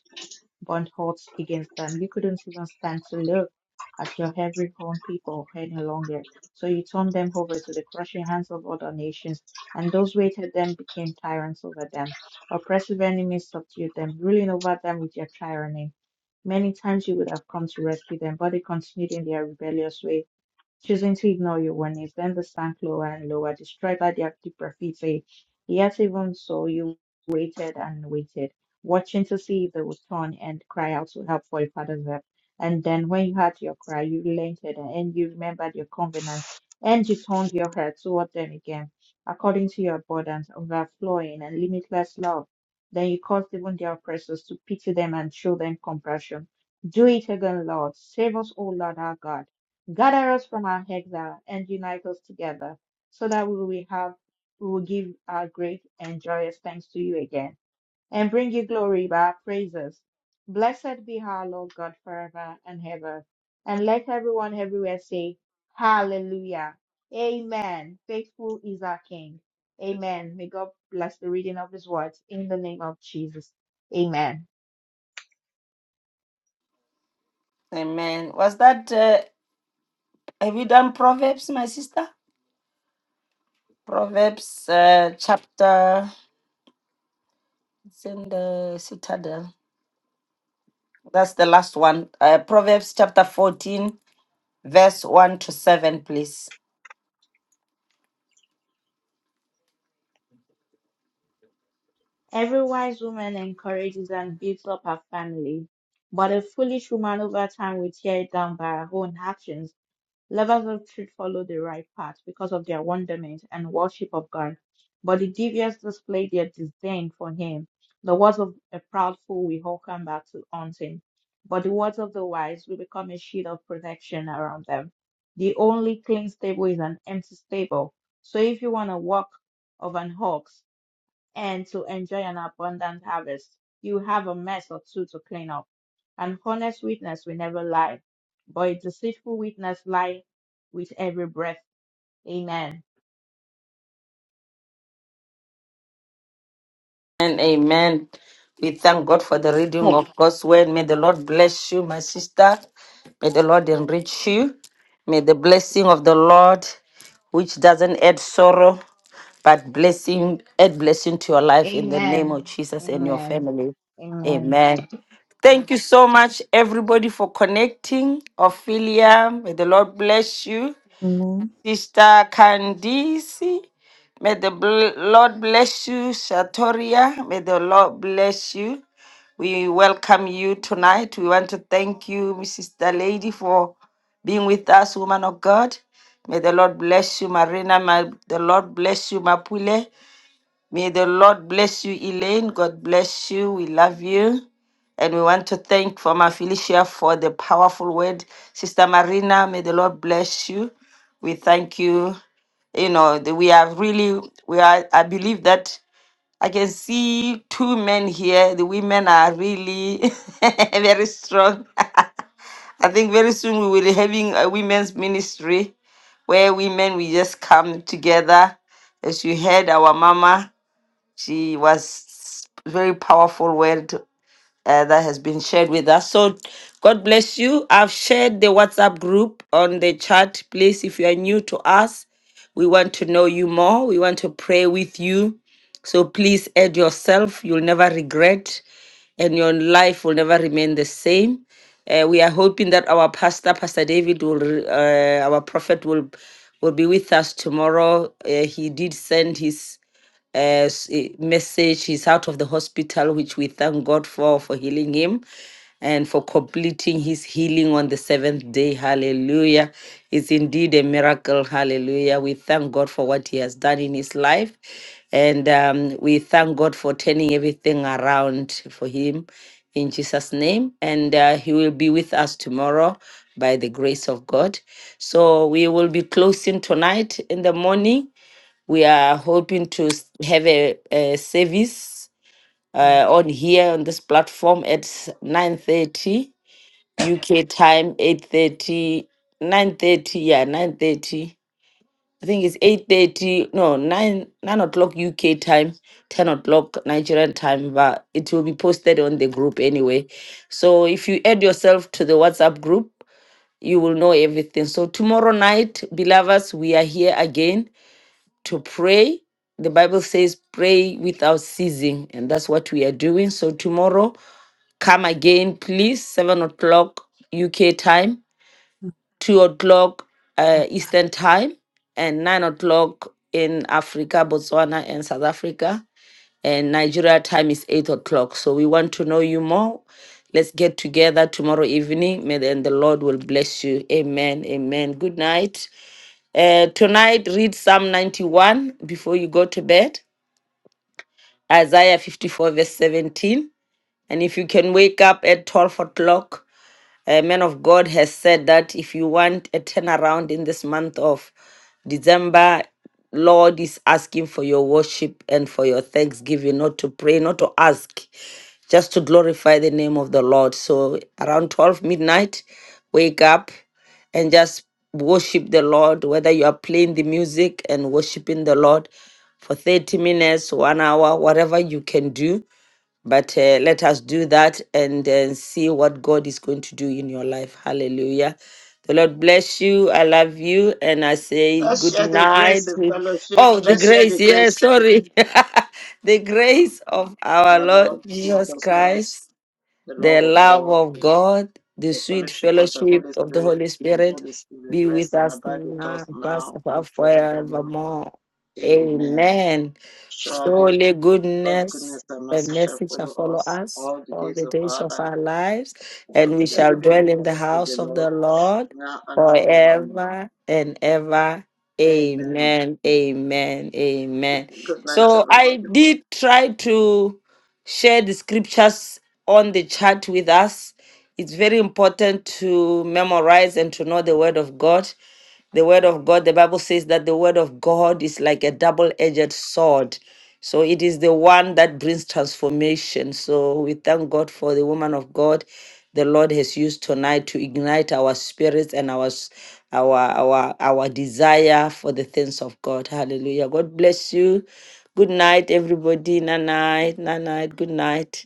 S5: burnt hearts against them. You couldn't even stand to look at your every horn people any longer. So you turned them over to the crushing hands of other nations, and those who hated them became tyrants over them. Oppressive enemies subdued them, ruling over them with their tyranny. Many times you would have come to rescue them, but they continued in their rebellious way choosing to ignore your warnings. Then the sank lower and lower, destroyed by the active graffiti. Yet even so, you waited and waited, watching to see if they would turn and cry out to help for your father's help. And then when you heard your cry, you relented and you remembered your covenant and you turned your heart toward them again, according to your abundance, overflowing and limitless love. Then you caused even their oppressors to pity them and show them compassion. Do it again, Lord. Save us, O Lord our God Gather us from our exile and unite us together, so that we will have we will give our great and joyous thanks to you again, and bring you glory by our praises. Blessed be our Lord God forever and ever. And let everyone everywhere say, Hallelujah. Amen. Faithful is our King. Amen. May God bless the reading of his words in the name of Jesus. Amen.
S1: Amen. Was that, uh, have you done Proverbs, my sister? Proverbs uh, chapter, it's in the citadel. That's the last one. Uh, Proverbs chapter 14, verse 1 to 7, please.
S5: Every wise woman encourages and builds up her family, but a foolish woman over time will tear it down by her own actions. Lovers of truth follow the right path because of their wonderment and worship of God, but the devious display their disdain for Him. The words of a proud fool will all come back to haunt him, but the words of the wise will become a shield of protection around them. The only clean stable is an empty stable. So if you want to walk of an ox, and to enjoy an abundant harvest. You have a mess or two to clean up. An honest witness will never lie, but a deceitful witness lie with every breath. Amen.
S1: And amen. We thank God for the reading of God's word. May the Lord bless you, my sister. May the Lord enrich you. May the blessing of the Lord, which doesn't add sorrow, but blessing, add blessing to your life in the name
S5: Amen.
S1: of Jesus and your
S5: Amen.
S1: family.
S5: Amen.
S1: Amen. Thank you so much, everybody, for connecting. Ophelia, may the Lord bless you.
S6: Amen.
S1: Sister Candice, may the bl- Lord bless you. Shatoria, may the Lord bless you. We welcome you tonight. We want to thank you, Mrs. The Lady, for being with us, woman of God. May the Lord bless you, Marina. May the Lord bless you, Mapule. May the Lord bless you, Elaine. God bless you. We love you. And we want to thank Mama Felicia for the powerful word. Sister Marina, may the Lord bless you. We thank you. You know, the- we are really, we are, I believe that I can see two men here. The women are really very strong. I think very soon we will be having a women's ministry where women, we just come together as you heard our mama. She was very powerful word uh, that has been shared with us. So God bless you. I've shared the WhatsApp group on the chat. Please, if you are new to us, we want to know you more. We want to pray with you. So please add yourself. You'll never regret and your life will never remain the same. Uh, we are hoping that our pastor, Pastor David, will, re- uh, our prophet, will will be with us tomorrow. Uh, he did send his uh, s- eh, message. He's out of the hospital, which we thank God for, for healing him and for completing his healing on the seventh day. Hallelujah. It's indeed a miracle. Hallelujah. We thank God for what he has done in his life. And um, we thank God for turning everything around for him in Jesus' name. And uh, he will be with us tomorrow by the grace of God. So we will be closing tonight in the morning. We are hoping to s- have a, a service uh, on here on this platform at 9.30 UK time, 8.30, 9.30, yeah, 9.30. I think it's 8.30, no, 9, 9 o'clock UK time, 10 o'clock Nigerian time, but it will be posted on the group anyway. So if you add yourself to the WhatsApp group, you will know everything. So tomorrow night, beloveds, we are here again to pray. The Bible says, pray without ceasing. And that's what we are doing. So tomorrow, come again, please, 7 o'clock UK time, 2 o'clock uh, Eastern time, and 9 o'clock in Africa, Botswana, and South Africa. And Nigeria time is 8 o'clock. So we want to know you more. Let's get together tomorrow evening. May then the Lord will bless you. Amen. Amen. Good night. Uh, tonight, read Psalm 91 before you go to bed, Isaiah 54, verse 17. And if you can wake up at 12 o'clock, a man of God has said that if you want a turnaround in this month of December, Lord is asking for your worship and for your thanksgiving, not to pray, not to ask, just to glorify the name of the Lord. So around 12 midnight, wake up and just worship the Lord, whether you are playing the music and worshiping the Lord for 30 minutes, one hour, whatever you can do but uh, let us do that and uh, see what God is going to do in your life. Hallelujah. The Lord bless you. I love you. And I say
S4: Let's
S1: good
S4: share the grace
S1: night.
S4: and
S1: with-
S4: fellowship.
S1: Oh, the
S4: Let's share
S1: grace.
S4: the
S1: Yeah,
S4: grace
S1: sorry. the
S4: um,
S1: grace of
S4: of
S1: our
S4: our
S1: Lord
S4: Lord
S1: Jesus
S4: Jesus Christ,
S1: Christ
S4: the
S1: the
S4: love of
S1: love
S4: God,
S1: of God, the
S4: the
S1: sweet
S4: fellowship of the
S1: fellowship
S4: Holy
S1: of the
S4: Spirit.
S1: Holy
S4: And the
S1: Spirit
S4: Holy Spirit
S1: be with
S4: rest and
S1: us
S4: abide with
S1: now
S4: us
S1: and past
S4: now and forevermore.
S1: forevermore.
S4: Amen.
S1: Amen.
S4: Surely,
S1: Surely
S4: God's
S1: goodness
S4: goodness and
S1: and
S4: mercy shall
S1: mercy shall
S4: follow
S1: follow
S4: us
S1: us
S4: all the
S1: all
S4: days
S1: the
S4: of
S1: days
S4: our
S1: of
S4: life.
S1: our lives,
S4: We
S1: and we
S4: continue
S1: shall
S4: to be in the
S1: dwell in the
S4: presence of the
S1: house of
S4: Lord
S1: the Lord
S4: now and forevermore.
S1: forever and ever.
S4: Amen.
S1: Amen. Amen. Amen.
S4: Good night,
S1: So I
S4: everybody.
S1: did try to share the scriptures on the chat with us. It's very important to memorize and to know the word of God. The word of God, the Bible says that the word of God is like a double edged sword. So it is the one that brings transformation. So we thank God for the woman of God the Lord has used tonight to ignite our spirits and our s- our our our desire for the things of God. Hallelujah. God bless you. Good night, everybody. Night night. Night night. Good night.